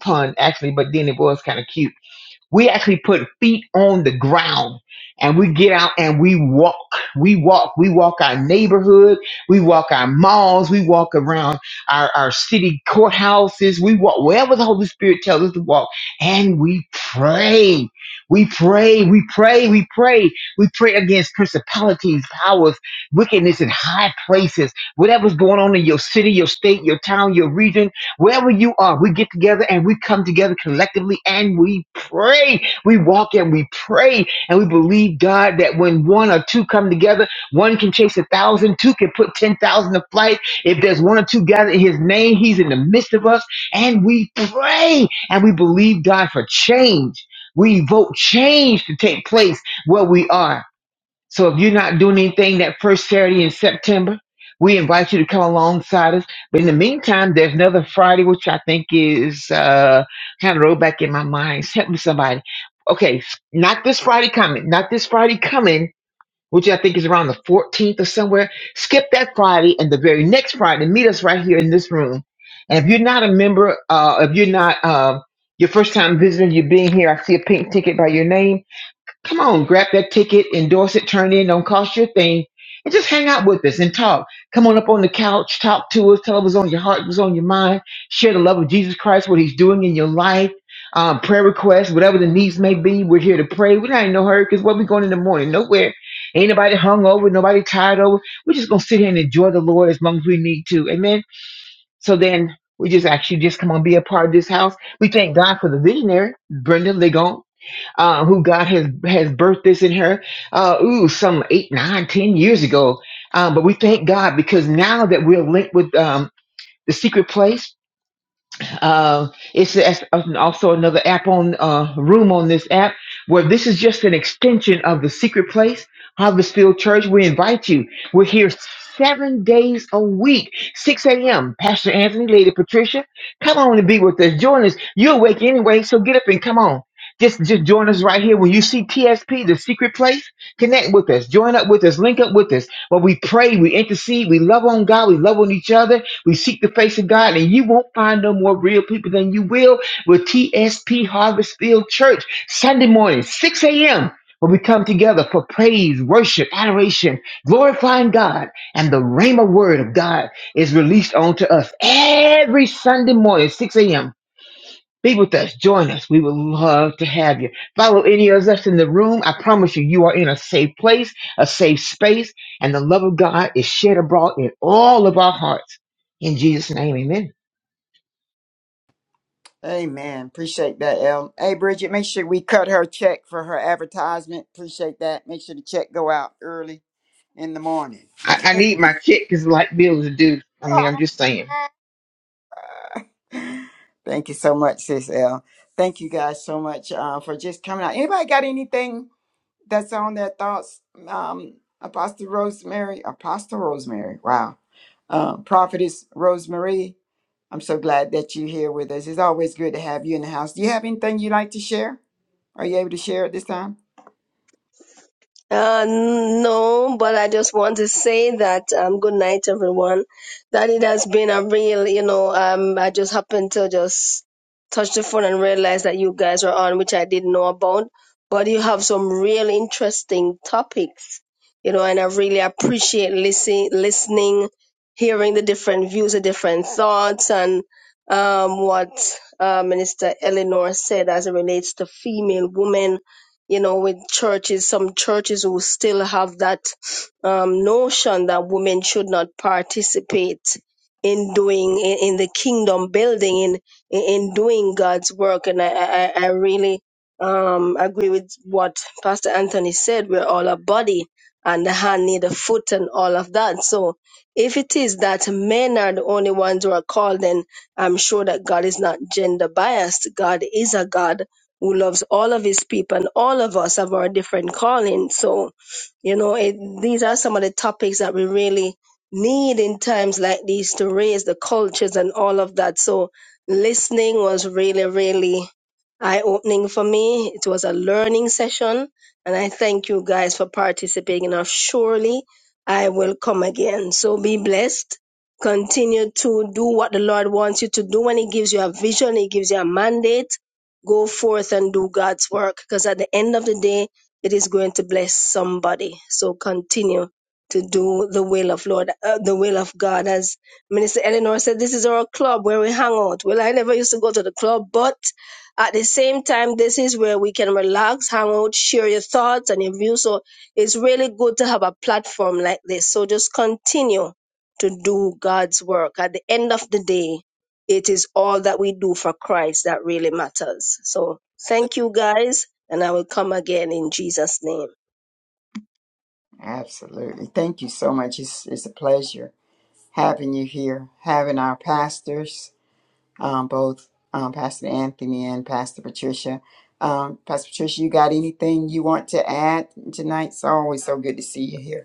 Speaker 3: pun actually, but then it was kind of cute we actually put feet on the ground and we get out and we walk. We walk. We walk our neighborhood. We walk our malls. We walk around our, our city courthouses. We walk wherever the Holy Spirit tells us to walk and we pray. We pray, we pray, we pray. We pray against principalities, powers, wickedness in high places, whatever's going on in your city, your state, your town, your region. Wherever you are, we get together and we come together collectively and we pray. We walk and we pray and we believe, God, that when one or two come together, one can chase a thousand, two can put 10,000 to flight. If there's one or two gathered in his name, he's in the midst of us. And we pray and we believe, God, for change. We vote change to take place where we are. So if you're not doing anything that first Saturday in September, we invite you to come alongside us. But in the meantime, there's another Friday, which I think is uh, kind of rolled back in my mind. Help me, somebody. Okay, s- not this Friday coming, not this Friday coming, which I think is around the 14th or somewhere. Skip that Friday and the very next Friday, meet us right here in this room. And if you're not a member, uh, if you're not uh, your first time visiting, you're being here, I see a pink ticket by your name Come on, grab that ticket, endorse it, turn in, don't cost you a thing, and just hang out with us and talk. Come on up on the couch, talk to us, tell us what's on your heart, what's on your mind, share the love of Jesus Christ, what He's doing in your life, um, prayer requests, whatever the needs may be. We're here to pray. We're not in no hurry because where we going in the morning? Nowhere. Ain't nobody hung over, nobody tired over. We're just going to sit here and enjoy the Lord as long as we need to. Amen. So then we just actually just come on, be a part of this house. We thank God for the visionary, Brenda Ligon uh, who God has has birthed this in her, uh, ooh, some eight, nine, ten years ago. Um, but we thank God because now that we're linked with um, the secret place, uh, it's, it's uh, also another app on uh, room on this app where this is just an extension of the secret place, Harvest Field Church. We invite you. We're here seven days a week, 6 a.m. Pastor Anthony, Lady Patricia, come on and be with us. Join us. You're awake anyway, so get up and come on. Just, just join us right here. When you see TSP, the secret place, connect with us. Join up with us. Link up with us. But we pray, we intercede, we love on God, we love on each other we seek the face of God, and you won't find no more real people than you will with TSP Harvestfield Church Sunday morning, 6 a.m. When we come together for praise, worship, adoration, glorifying God, and the Rhema word of God is released onto us every Sunday morning, 6 a.m. Be with us. Join us. We would love to have you. Follow any of us in the room. I promise you, you are in a safe place, a safe space, and the love of God is shed abroad in all of our hearts. In Jesus' name, amen.
Speaker 1: Amen. Appreciate that, El. Hey, Bridget, make sure we cut her check for her advertisement. Appreciate that. Make sure the check go out early in the morning.
Speaker 3: I, I need my check because like Bill is due. I mean, I'm just saying.
Speaker 1: Thank you so much, sis L. Thank you guys so much uh, for just coming out. Anybody got anything that's on their thoughts? Um, Apostle Rosemary, Apostle Rosemary, wow. Um, Prophetess Rosemary, I'm so glad that you're here with us. It's always good to have you in the house. Do you have anything you'd like to share? Are you able to share at this time?
Speaker 6: Uh, no, but I just want to say that um, good night, everyone. That it has been a real, you know, um, I just happened to just touch the phone and realize that you guys were on, which I didn't know about. But you have some real interesting topics, you know, and I really appreciate listen, listening, hearing the different views, the different thoughts, and um, what uh, Minister Eleanor said as it relates to female women you know, with churches, some churches will still have that um, notion that women should not participate in doing in, in the kingdom building in in doing God's work. And I I, I I really um, agree with what Pastor Anthony said. We're all a body, and the hand need a foot, and all of that. So if it is that men are the only ones who are called, then I'm sure that God is not gender biased. God is a God who loves all of his people and all of us have our different callings. So, you know, it, these are some of the topics that we really need in times like these to raise the cultures and all of that. So, listening was really, really eye opening for me. It was a learning session, and I thank you guys for participating. Now, surely I will come again. So, be blessed. Continue to do what the Lord wants you to do when He gives you a vision, He gives you a mandate Go forth and do God's work because at the end of the day, it is going to bless somebody. So continue to do the will of Lord, uh, the will of God. As Minister Eleanor said, this is our club where we hang out. Well, I never used to go to the club, but at the same time, this is where we can relax, hang out, share your thoughts and your views. So it's really good to have a platform like this. So just continue to do God's work. At the end of the day, it is all that we do for Christ that really matters. So thank you guys, and I will come again in Jesus' name.
Speaker 1: Absolutely. Thank you so much. It's, it's a pleasure having you here, having our pastors, um, both um, Pastor Anthony and Pastor Patricia. Um, Pastor Patricia, you got anything you want to add tonight? It's always so good to see you here.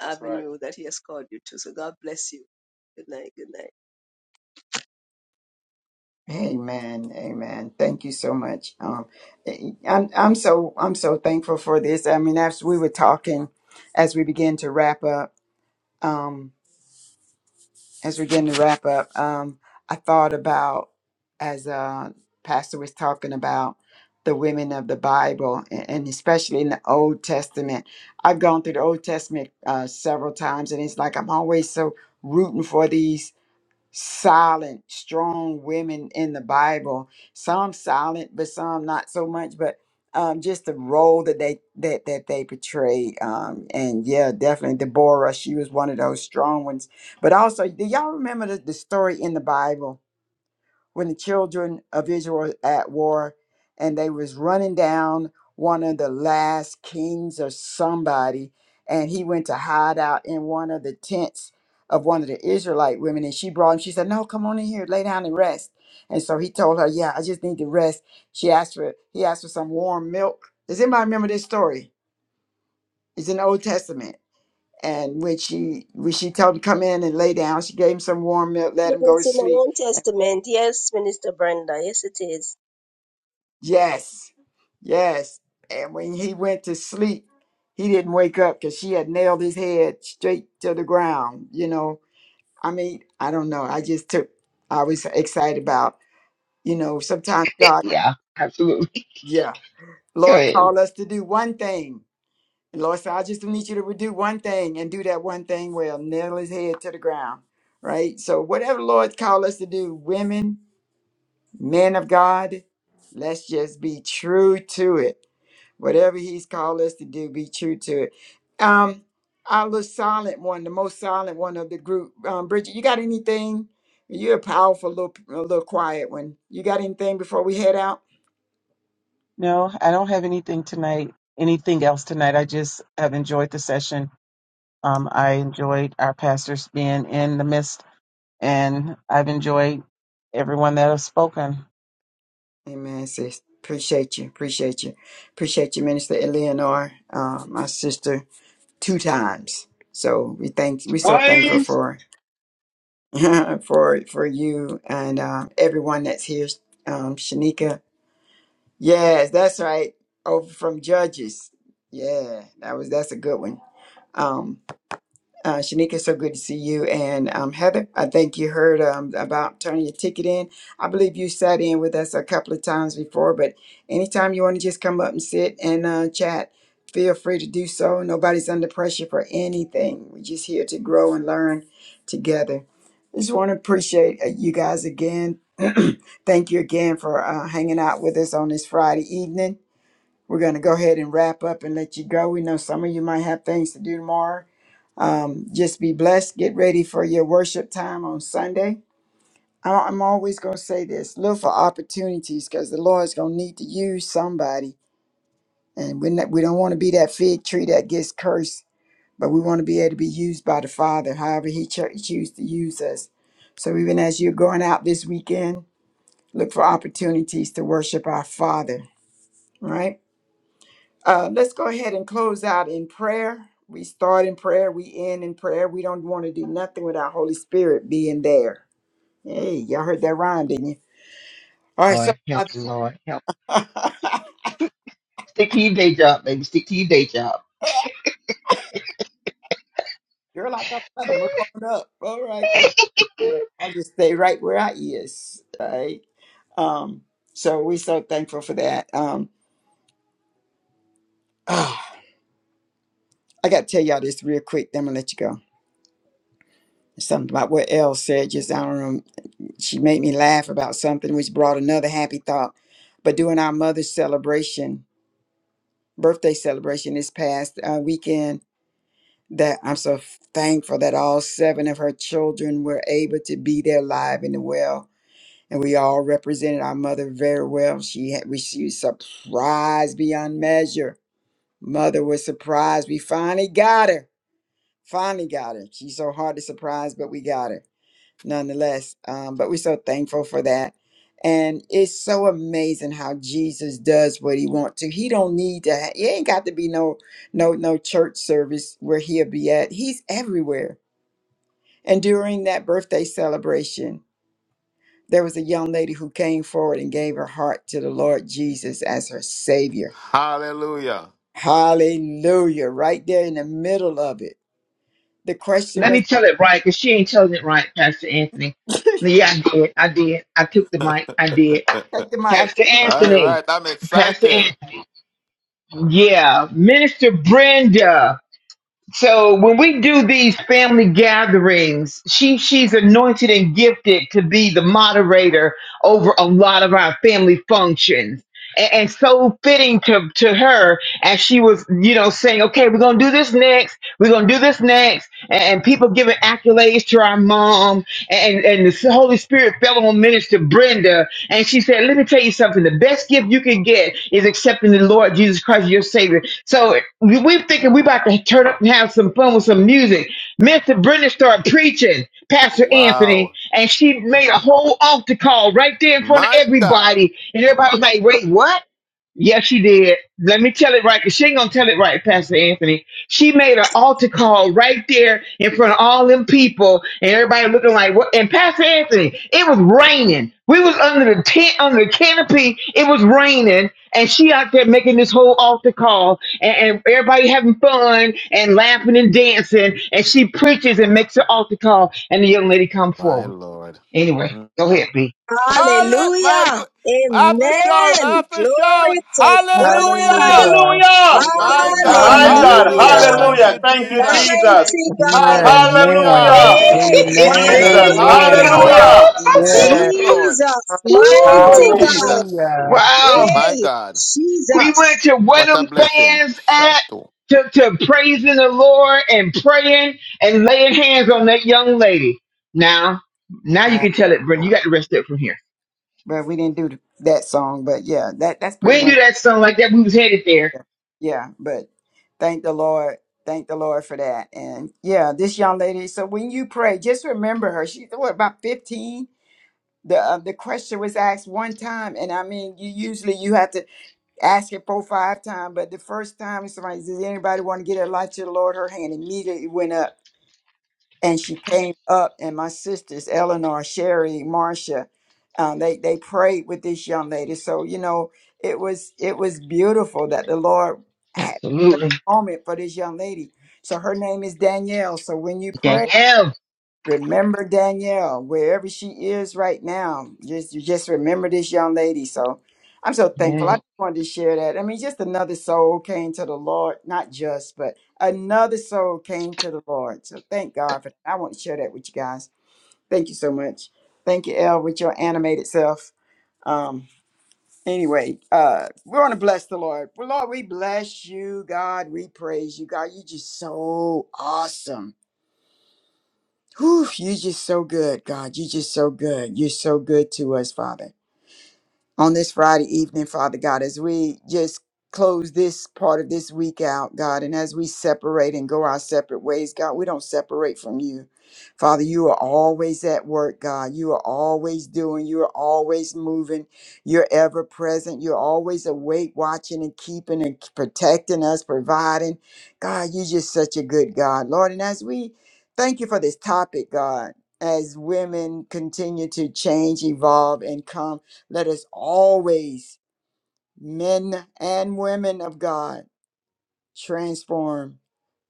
Speaker 7: That's right.
Speaker 1: Amen. Amen. Thank you so much. Um, eh, I'm I'm so I'm so thankful for this. I mean, as we were talking, as we begin to wrap up, um, as we begin to wrap up, um, I thought about as uh pastor was talking about the women of the Bible, and, and especially in the Old Testament. I've gone through the Old Testament uh, several times, and it's like I'm always so rooting for these silent, strong women in the Bible. Some silent, but some not so much. But um, just the role that they that that they portray. Um, and yeah, definitely Deborah. She was one of those strong ones. But also, do y'all remember the, the story in the Bible? when the children of Israel were at war and they was running down one of the last kings or somebody and he went to hide out in one of the tents of one of the Israelite women and she brought him she said no come on in here lay down and rest and so he told her yeah I just need to rest she asked for he asked for some warm milk does anybody remember this story it's in the Old Testament and when she when she told him to come in and lay down she gave him some warm milk let him go to
Speaker 6: It's in the
Speaker 1: sleep
Speaker 6: Old Testament. Yes, Minister Brenda. Yes, it is.
Speaker 1: Yes, yes. And when he went to sleep, he didn't wake up because she had nailed his head straight to the ground. You know, I mean, I don't know. I just took, I was excited about, you know, sometimes God,
Speaker 3: yeah, absolutely.
Speaker 1: yeah,
Speaker 3: Go
Speaker 1: Lord
Speaker 3: ahead.
Speaker 1: called us to do one thing. And Lord said, I just need you to do one thing and do that one thing well, nail his head to the ground. Right? So, whatever Lord called us to do, women, men of God, let's just be true to it whatever he's called us to do, be true to it. Um, I was silent one, the most silent one of the group. Um, Bridget, you got anything? You're a powerful little, p- a little quiet one. You got anything before we head out?
Speaker 2: no, I don't have anything tonight, anything else tonight. I just have enjoyed the session. Um, I enjoyed our pastors being in the midst, and I've enjoyed everyone that has spoken.
Speaker 1: Amen, sis. Appreciate you. Appreciate you. Appreciate you, Minister Eleanor, uh, my sister, two times. So we thank we so thankful
Speaker 3: Waves.
Speaker 1: for her. for for you and uh, everyone that's here, um, Shanika. Yes, that's right. Over from Judges. Yeah, that was that's a good one. Um, uh, Shanika, so good to see you. And um, Heather, I think you heard um, about turning your ticket in. I believe you sat in with us a couple of times before, but anytime you want to just come up and sit and uh, chat, feel free to do so. Nobody's under pressure for anything. We're just here to grow and learn together. Just want to appreciate uh, you guys again. Thank you again for uh, hanging out with us on this Friday evening. We're going to go ahead and wrap up and let you go. We know some of you might have things to do tomorrow um, just be blessed. Get ready for your worship time on Sunday. I- I'm always going to say this look for opportunities because the Lord's going to need to use somebody. And we're not, we don't want to be that fig tree that gets cursed, but we want to be able to be used by the Father, however He cho- chooses to use us. So even as you're going out this weekend, look for opportunities to worship our Father, right? Uh, let's go ahead and close out in prayer. We start in prayer, we end in prayer. We don't want to do nothing without Holy Spirit being there. Hey, y'all heard that rhyme, didn't you? All right, so
Speaker 3: Lord, help
Speaker 1: Father,
Speaker 3: me, Lord. help. Stick to your day job, baby. Stick to your day job.
Speaker 1: girl, I thought I had to move on up. All right, okay. I'll just stay right where I is. All right. Um, so we so thankful for that. Um, ah, I got to tell y'all this real quick. Then I'm gonna let you go. Something about what Elle said. Just I don't know. She made me laugh about something, which brought another happy thought. But during our mother's celebration, birthday celebration this past uh, weekend, that I'm so thankful that all seven of her children were able to be there live and well. And we all represented our mother very well. She had, we, she was surprised beyond measure. Mother was surprised. We finally got her. Finally got her. She's so hard to surprise, but we got her. nonetheless. Um, but we're so thankful for that. And it's so amazing how Jesus does what he wants to. He don't need to. Ha- he ain't got to be no no no church service where he'll be at. He's everywhere. And during that birthday celebration, there was a young lady who came forward and gave her heart to the Lord Jesus as her Savior.
Speaker 4: Hallelujah.
Speaker 1: Hallelujah! Right there in the middle of it, the question
Speaker 3: Let
Speaker 1: was,
Speaker 3: me tell it right, because she ain't telling it right, Pastor Anthony.
Speaker 1: take
Speaker 3: Yeah, I did. I did. I took the mic. I did.
Speaker 1: the mic.
Speaker 3: Pastor
Speaker 4: All
Speaker 3: Anthony.
Speaker 4: right. I'm
Speaker 3: Pastor
Speaker 4: excited.
Speaker 3: Anthony. Yeah. Minister Brenda. So when we do these family gatherings, she she's anointed and gifted to be the moderator over a lot of our family functions. And, and so fitting to, to her as she was, you know, saying, okay, we're going to do this next. We're going to do this next. And, and people giving accolades to our mom and and the Holy Spirit fell on Minister Brenda, and she said, "Let me tell you something. The best gift you can get is accepting the Lord Jesus Christ, your Savior." So we- we're thinking we're about to turn up and have some fun with some music. Minister Brenda started preaching, Pastor Anthony,
Speaker 4: Wow.
Speaker 3: and she made a whole altar call right there in front of
Speaker 4: My God.
Speaker 3: everybody, and everybody was like, "Wait, what?" Yes, she did. Let me tell it right, 'cause she ain't gonna tell it right, Pastor Anthony. She made an altar call right there in front of all them people, and everybody looking like what? And Pastor Anthony, it was raining. We was under the tent, under the canopy. It was raining, and she out there making this whole altar call, and, and everybody having fun and laughing and dancing. And she preaches and makes an altar call, and the young lady come
Speaker 4: My
Speaker 3: forward.
Speaker 4: Lord.
Speaker 3: Anyway, go ahead, B.
Speaker 4: Hallelujah. My
Speaker 6: Hallelujah.
Speaker 4: good. After shout,
Speaker 6: Amen.
Speaker 4: after
Speaker 6: Glory
Speaker 4: shout.
Speaker 6: to God.
Speaker 4: Hallelujah.
Speaker 2: Hallelujah.
Speaker 7: Hallelujah!
Speaker 1: Hallelujah!
Speaker 4: My
Speaker 1: Thank
Speaker 4: God.
Speaker 1: you.
Speaker 7: My God,
Speaker 6: Hallelujah.
Speaker 4: Hallelujah.
Speaker 1: Lord.
Speaker 2: Hallelujah.
Speaker 4: Thank
Speaker 1: Thank
Speaker 7: hallelujah.
Speaker 4: you,
Speaker 7: Thank you,
Speaker 4: Jesus.
Speaker 7: Jesus.
Speaker 6: Mighty
Speaker 2: Yeah,
Speaker 1: you.
Speaker 6: God.
Speaker 4: Hallelujah.
Speaker 7: Hallelujah,
Speaker 2: Amen.
Speaker 1: Hallelujah.
Speaker 6: Hey,
Speaker 2: Amen.
Speaker 7: Jesus.
Speaker 4: Jesus.
Speaker 6: hallelujah.
Speaker 1: Thank
Speaker 2: Amen.
Speaker 1: you,
Speaker 4: Hallelujah.
Speaker 7: Hallelujah.
Speaker 1: Jesus.
Speaker 2: Yeah.
Speaker 4: Yes, Lord.
Speaker 6: Jesus.
Speaker 1: Hallelujah.
Speaker 6: Mighty
Speaker 3: Woo!
Speaker 6: God.
Speaker 4: Jesus.
Speaker 2: Hallelujah.
Speaker 3: Wow.
Speaker 4: My
Speaker 6: Hey,
Speaker 4: God.
Speaker 3: We went
Speaker 6: Jesus.
Speaker 3: to where
Speaker 4: What a
Speaker 3: them
Speaker 4: blessing.
Speaker 3: fans at
Speaker 4: Shato.
Speaker 3: to, to praising the Lord and praying and laying hands on that young lady. Now, now you can tell it, Brenda. You got the rest of it from here.
Speaker 1: But we didn't do that song, but yeah, that that's
Speaker 3: We
Speaker 1: pretty
Speaker 3: didn't do
Speaker 1: much
Speaker 3: that song like that. We was headed there.
Speaker 1: yeah. yeah. But thank the Lord, thank the Lord for that. And yeah, this young lady. So when you pray, just remember her. She's what about fifteen? The uh, the question was asked one time, and I mean, you usually you have to ask it four five times, but the first time somebody says, "Anybody want to get her life to the Lord?" Her hand immediately went up and she came up and my sisters eleanor sherry marcia um, they they prayed with this young lady so you know it was it was beautiful that the lord had a
Speaker 3: Absolutely.
Speaker 1: moment for this young lady so her name is danielle so when you pray
Speaker 3: Danielle.
Speaker 1: Remember Danielle, wherever she is right now. Just you just remember this young lady. So I'm so thankful. I
Speaker 3: Amen.
Speaker 1: just wanted to share that. I mean, just another soul came to the Lord, not just, but another soul came to the Lord. So thank God for that. I want to share that with you guys. Thank you so much. Thank you, El, with your animated self. Um, anyway, uh, we want to bless the Lord. Well, Lord, we bless you, God. We praise you, God. You're just so awesome. Whew, you're just so good, God. You're just so good. You're so good to us, Father on this Friday evening, Father God, as we just close this part of this week out, God, and as we separate and go our separate ways, God, we don't separate from you. Father, you are always at work, God. You are always doing, you are always moving, you're ever present, you're always awake, watching and keeping and protecting us, providing. God, you're just such a good God, Lord. And as we thank you for this topic, God, as women continue to change, evolve, and come. Let us always, men and women of God, transform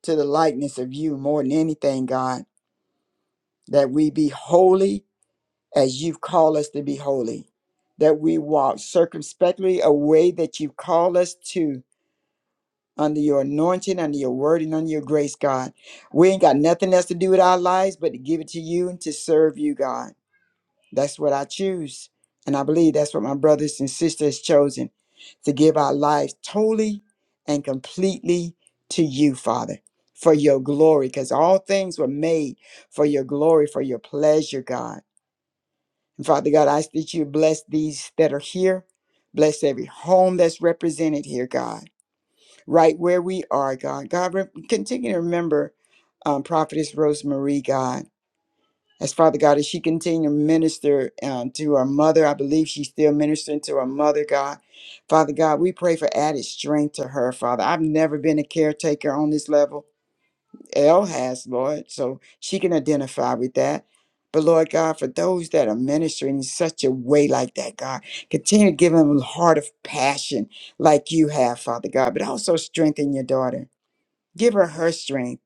Speaker 1: to the likeness of you more than anything, God, that we be holy as you've called us to be holy, that we walk circumspectly a way that you call us to under your anointing, under your word, and under your grace, God. We ain't got nothing else to do with our lives but to give it to you and to serve you, God. That's what I choose. And I believe that's what my brothers and sisters chosen to give our lives totally and completely to you, Father, for your glory, because all things were made for your glory, for your pleasure, God. And Father God, I ask that you bless these that are here. Bless every home that's represented here, God, right where we are, God. God, re- continue to remember um, Prophetess Rosemarie, God. As Father God, as she continue to minister um, to her mother, I believe she's still ministering to her mother, God. Father God, we pray for added strength to her, Father. I've never been a caretaker on this level. Elle has, Lord, so she can identify with that. But Lord God, for those that are ministering in such a way like that, God, continue to give them a heart of passion like you have, Father God, but also strengthen your daughter. Give her her strength.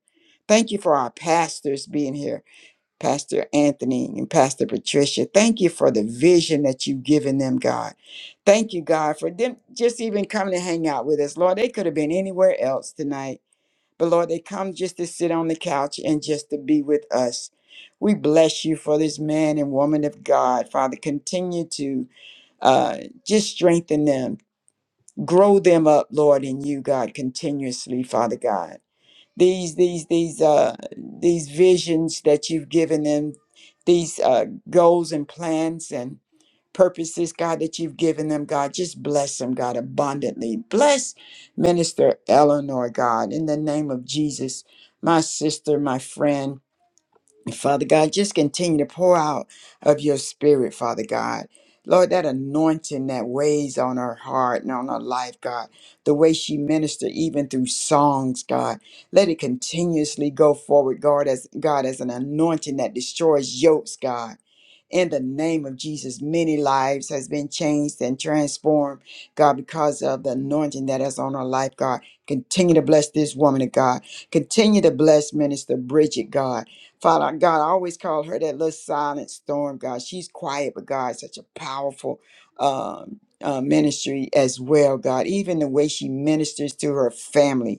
Speaker 1: Thank you for our pastors being here. Pastor Anthony and Pastor Patricia. Thank you for the vision that you've given them, God. Thank you, God, for them just even coming to hang out with us. Lord, they could have been anywhere else tonight, but Lord, they come just to sit on the couch and just to be with us. We bless you for this man and woman of God, Father. Continue to uh, just strengthen them, grow them up, Lord, in you, God, continuously, Father God these these these uh these visions that you've given them these uh goals and plans and purposes god that you've given them god just bless them god abundantly bless minister eleanor god in the name of jesus my sister my friend Father God, just continue to pour out of your spirit, Father God. Lord, that anointing that weighs on her heart and on her life, God, the way she ministered even through songs, God, let it continuously go forward, God, as God, as an anointing that destroys yokes, God in the name of Jesus. Many lives has been changed and transformed, God, because of the anointing that is on her life, God. Continue to bless this woman of God. Continue to bless Minister Bridget, God. Father God, I always call her that little silent storm, God. She's quiet, but God, such a powerful um, uh, ministry as well, God. Even the way she ministers to her family,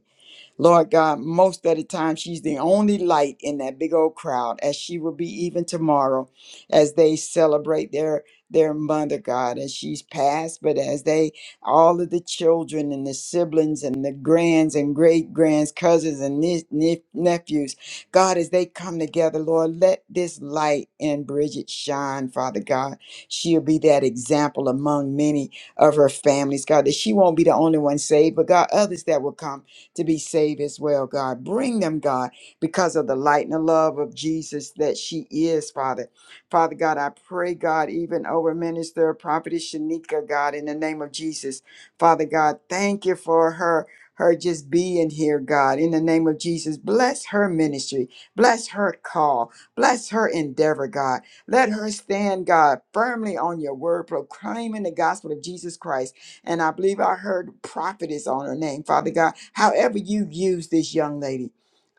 Speaker 1: Lord God, most of the time she's the only light in that big old crowd, as she will be even tomorrow, as they celebrate their their mother, God, as she's passed, but as they all of the children and the siblings and the grands and great grands, cousins and nie- nie- nephews, God, as they come together, Lord, let this light in Bridget shine, Father God. She'll be that example among many of her families, God, that she won't be the only one saved, but God, others that will come to be saved as well, God. Bring them, God, because of the light and the love of Jesus that she is, Father. Father God, I pray, God, even over Minister Prophetess Shanika, God, in the name of Jesus. Father God, thank you for her. Her just being here, God, in the name of Jesus. Bless her ministry. Bless her call. Bless her endeavor, God. Let her stand, God, firmly on your word, proclaiming the gospel of Jesus Christ and I believe I heard prophetess on her name, Father God. However, you use this young lady,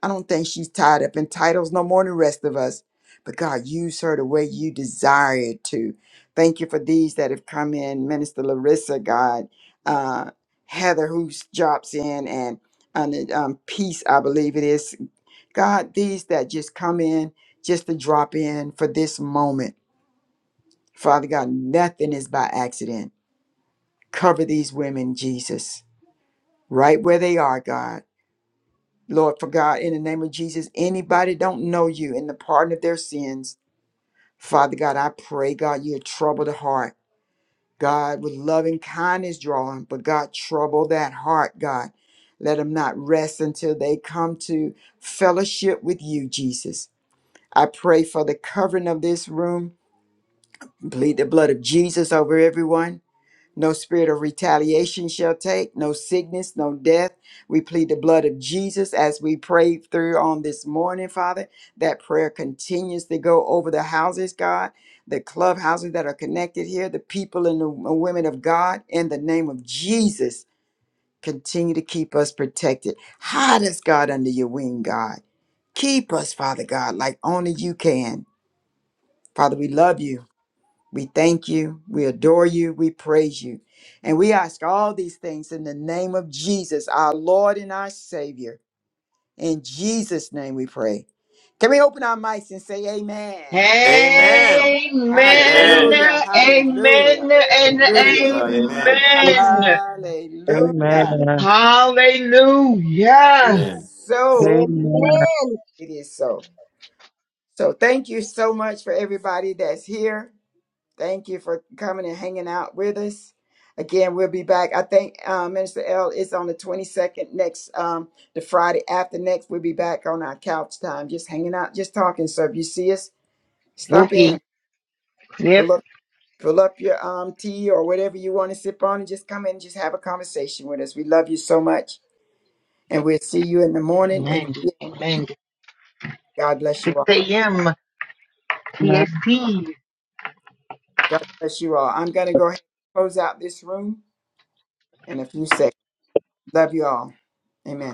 Speaker 1: I don't think she's tied up in titles no more than the rest of us. But God, use her the way you desire it to. Thank you for these that have come in, Minister Larissa, God, uh, Heather, who drops in, and and, um, Peace, I believe it is. God, these that just come in, just to drop in for this moment. Father God, nothing is by accident. Cover these women, Jesus right where they are, God. Lord, for God, in the name of Jesus, anybody don't know you in the pardon of their sins, Father God, I pray, God, you trouble the heart. God, with loving kindness draw them, but God, trouble that heart, God. Let them not rest until they come to fellowship with you, Jesus. I pray for the covering of this room. Plead the blood of Jesus over everyone. No spirit of retaliation shall take, no sickness, no death. We plead the blood of Jesus as we pray through on this morning, Father. That prayer continues to go over the houses, God, the clubhouses that are connected here, the people and the women of God, in the name of Jesus. Continue to keep us protected. Hide us, God, under your wing, God. Keep us, Father God, like only you can. Father, we love you. We thank you, we adore you, we praise you. And we ask all these things in the name of Jesus, our Lord and our Savior. In Jesus' name we pray. Can we open our mics and say amen? Amen.
Speaker 4: Amen. Amen.
Speaker 7: Amen.
Speaker 1: Hallelujah, hallelujah,
Speaker 3: Amen. And
Speaker 4: Praise
Speaker 7: Praise
Speaker 1: hallelujah,
Speaker 4: God.
Speaker 7: God. Amen.
Speaker 4: Amen.
Speaker 3: amen.
Speaker 7: Amen.
Speaker 1: hallelujah.
Speaker 4: Amen.
Speaker 2: Amen.
Speaker 1: It
Speaker 3: Hallelujah.
Speaker 4: Amen.
Speaker 1: is so.
Speaker 2: Amen.
Speaker 6: Amen.
Speaker 1: It is so. So thank you so much for everybody that's here. Thank you for coming and hanging out with us. Again, we'll be back. I think uh, Minister L is on the 22nd next, um, the Friday after next. We'll be back on our couch time, just hanging out, just talking. So if you see us, stop
Speaker 3: Okay.
Speaker 1: in, pull up, pull up your um, tea or whatever you want to sip on, and just come in and just have a conversation with us. We love you so much, and we'll see you in the morning.
Speaker 3: Amen.
Speaker 1: And
Speaker 3: Amen.
Speaker 1: God bless you
Speaker 3: 6
Speaker 1: all.
Speaker 3: a.m. PST.
Speaker 1: God bless you all. I'm going to go ahead and close out this room in a few seconds. Love you all. Amen.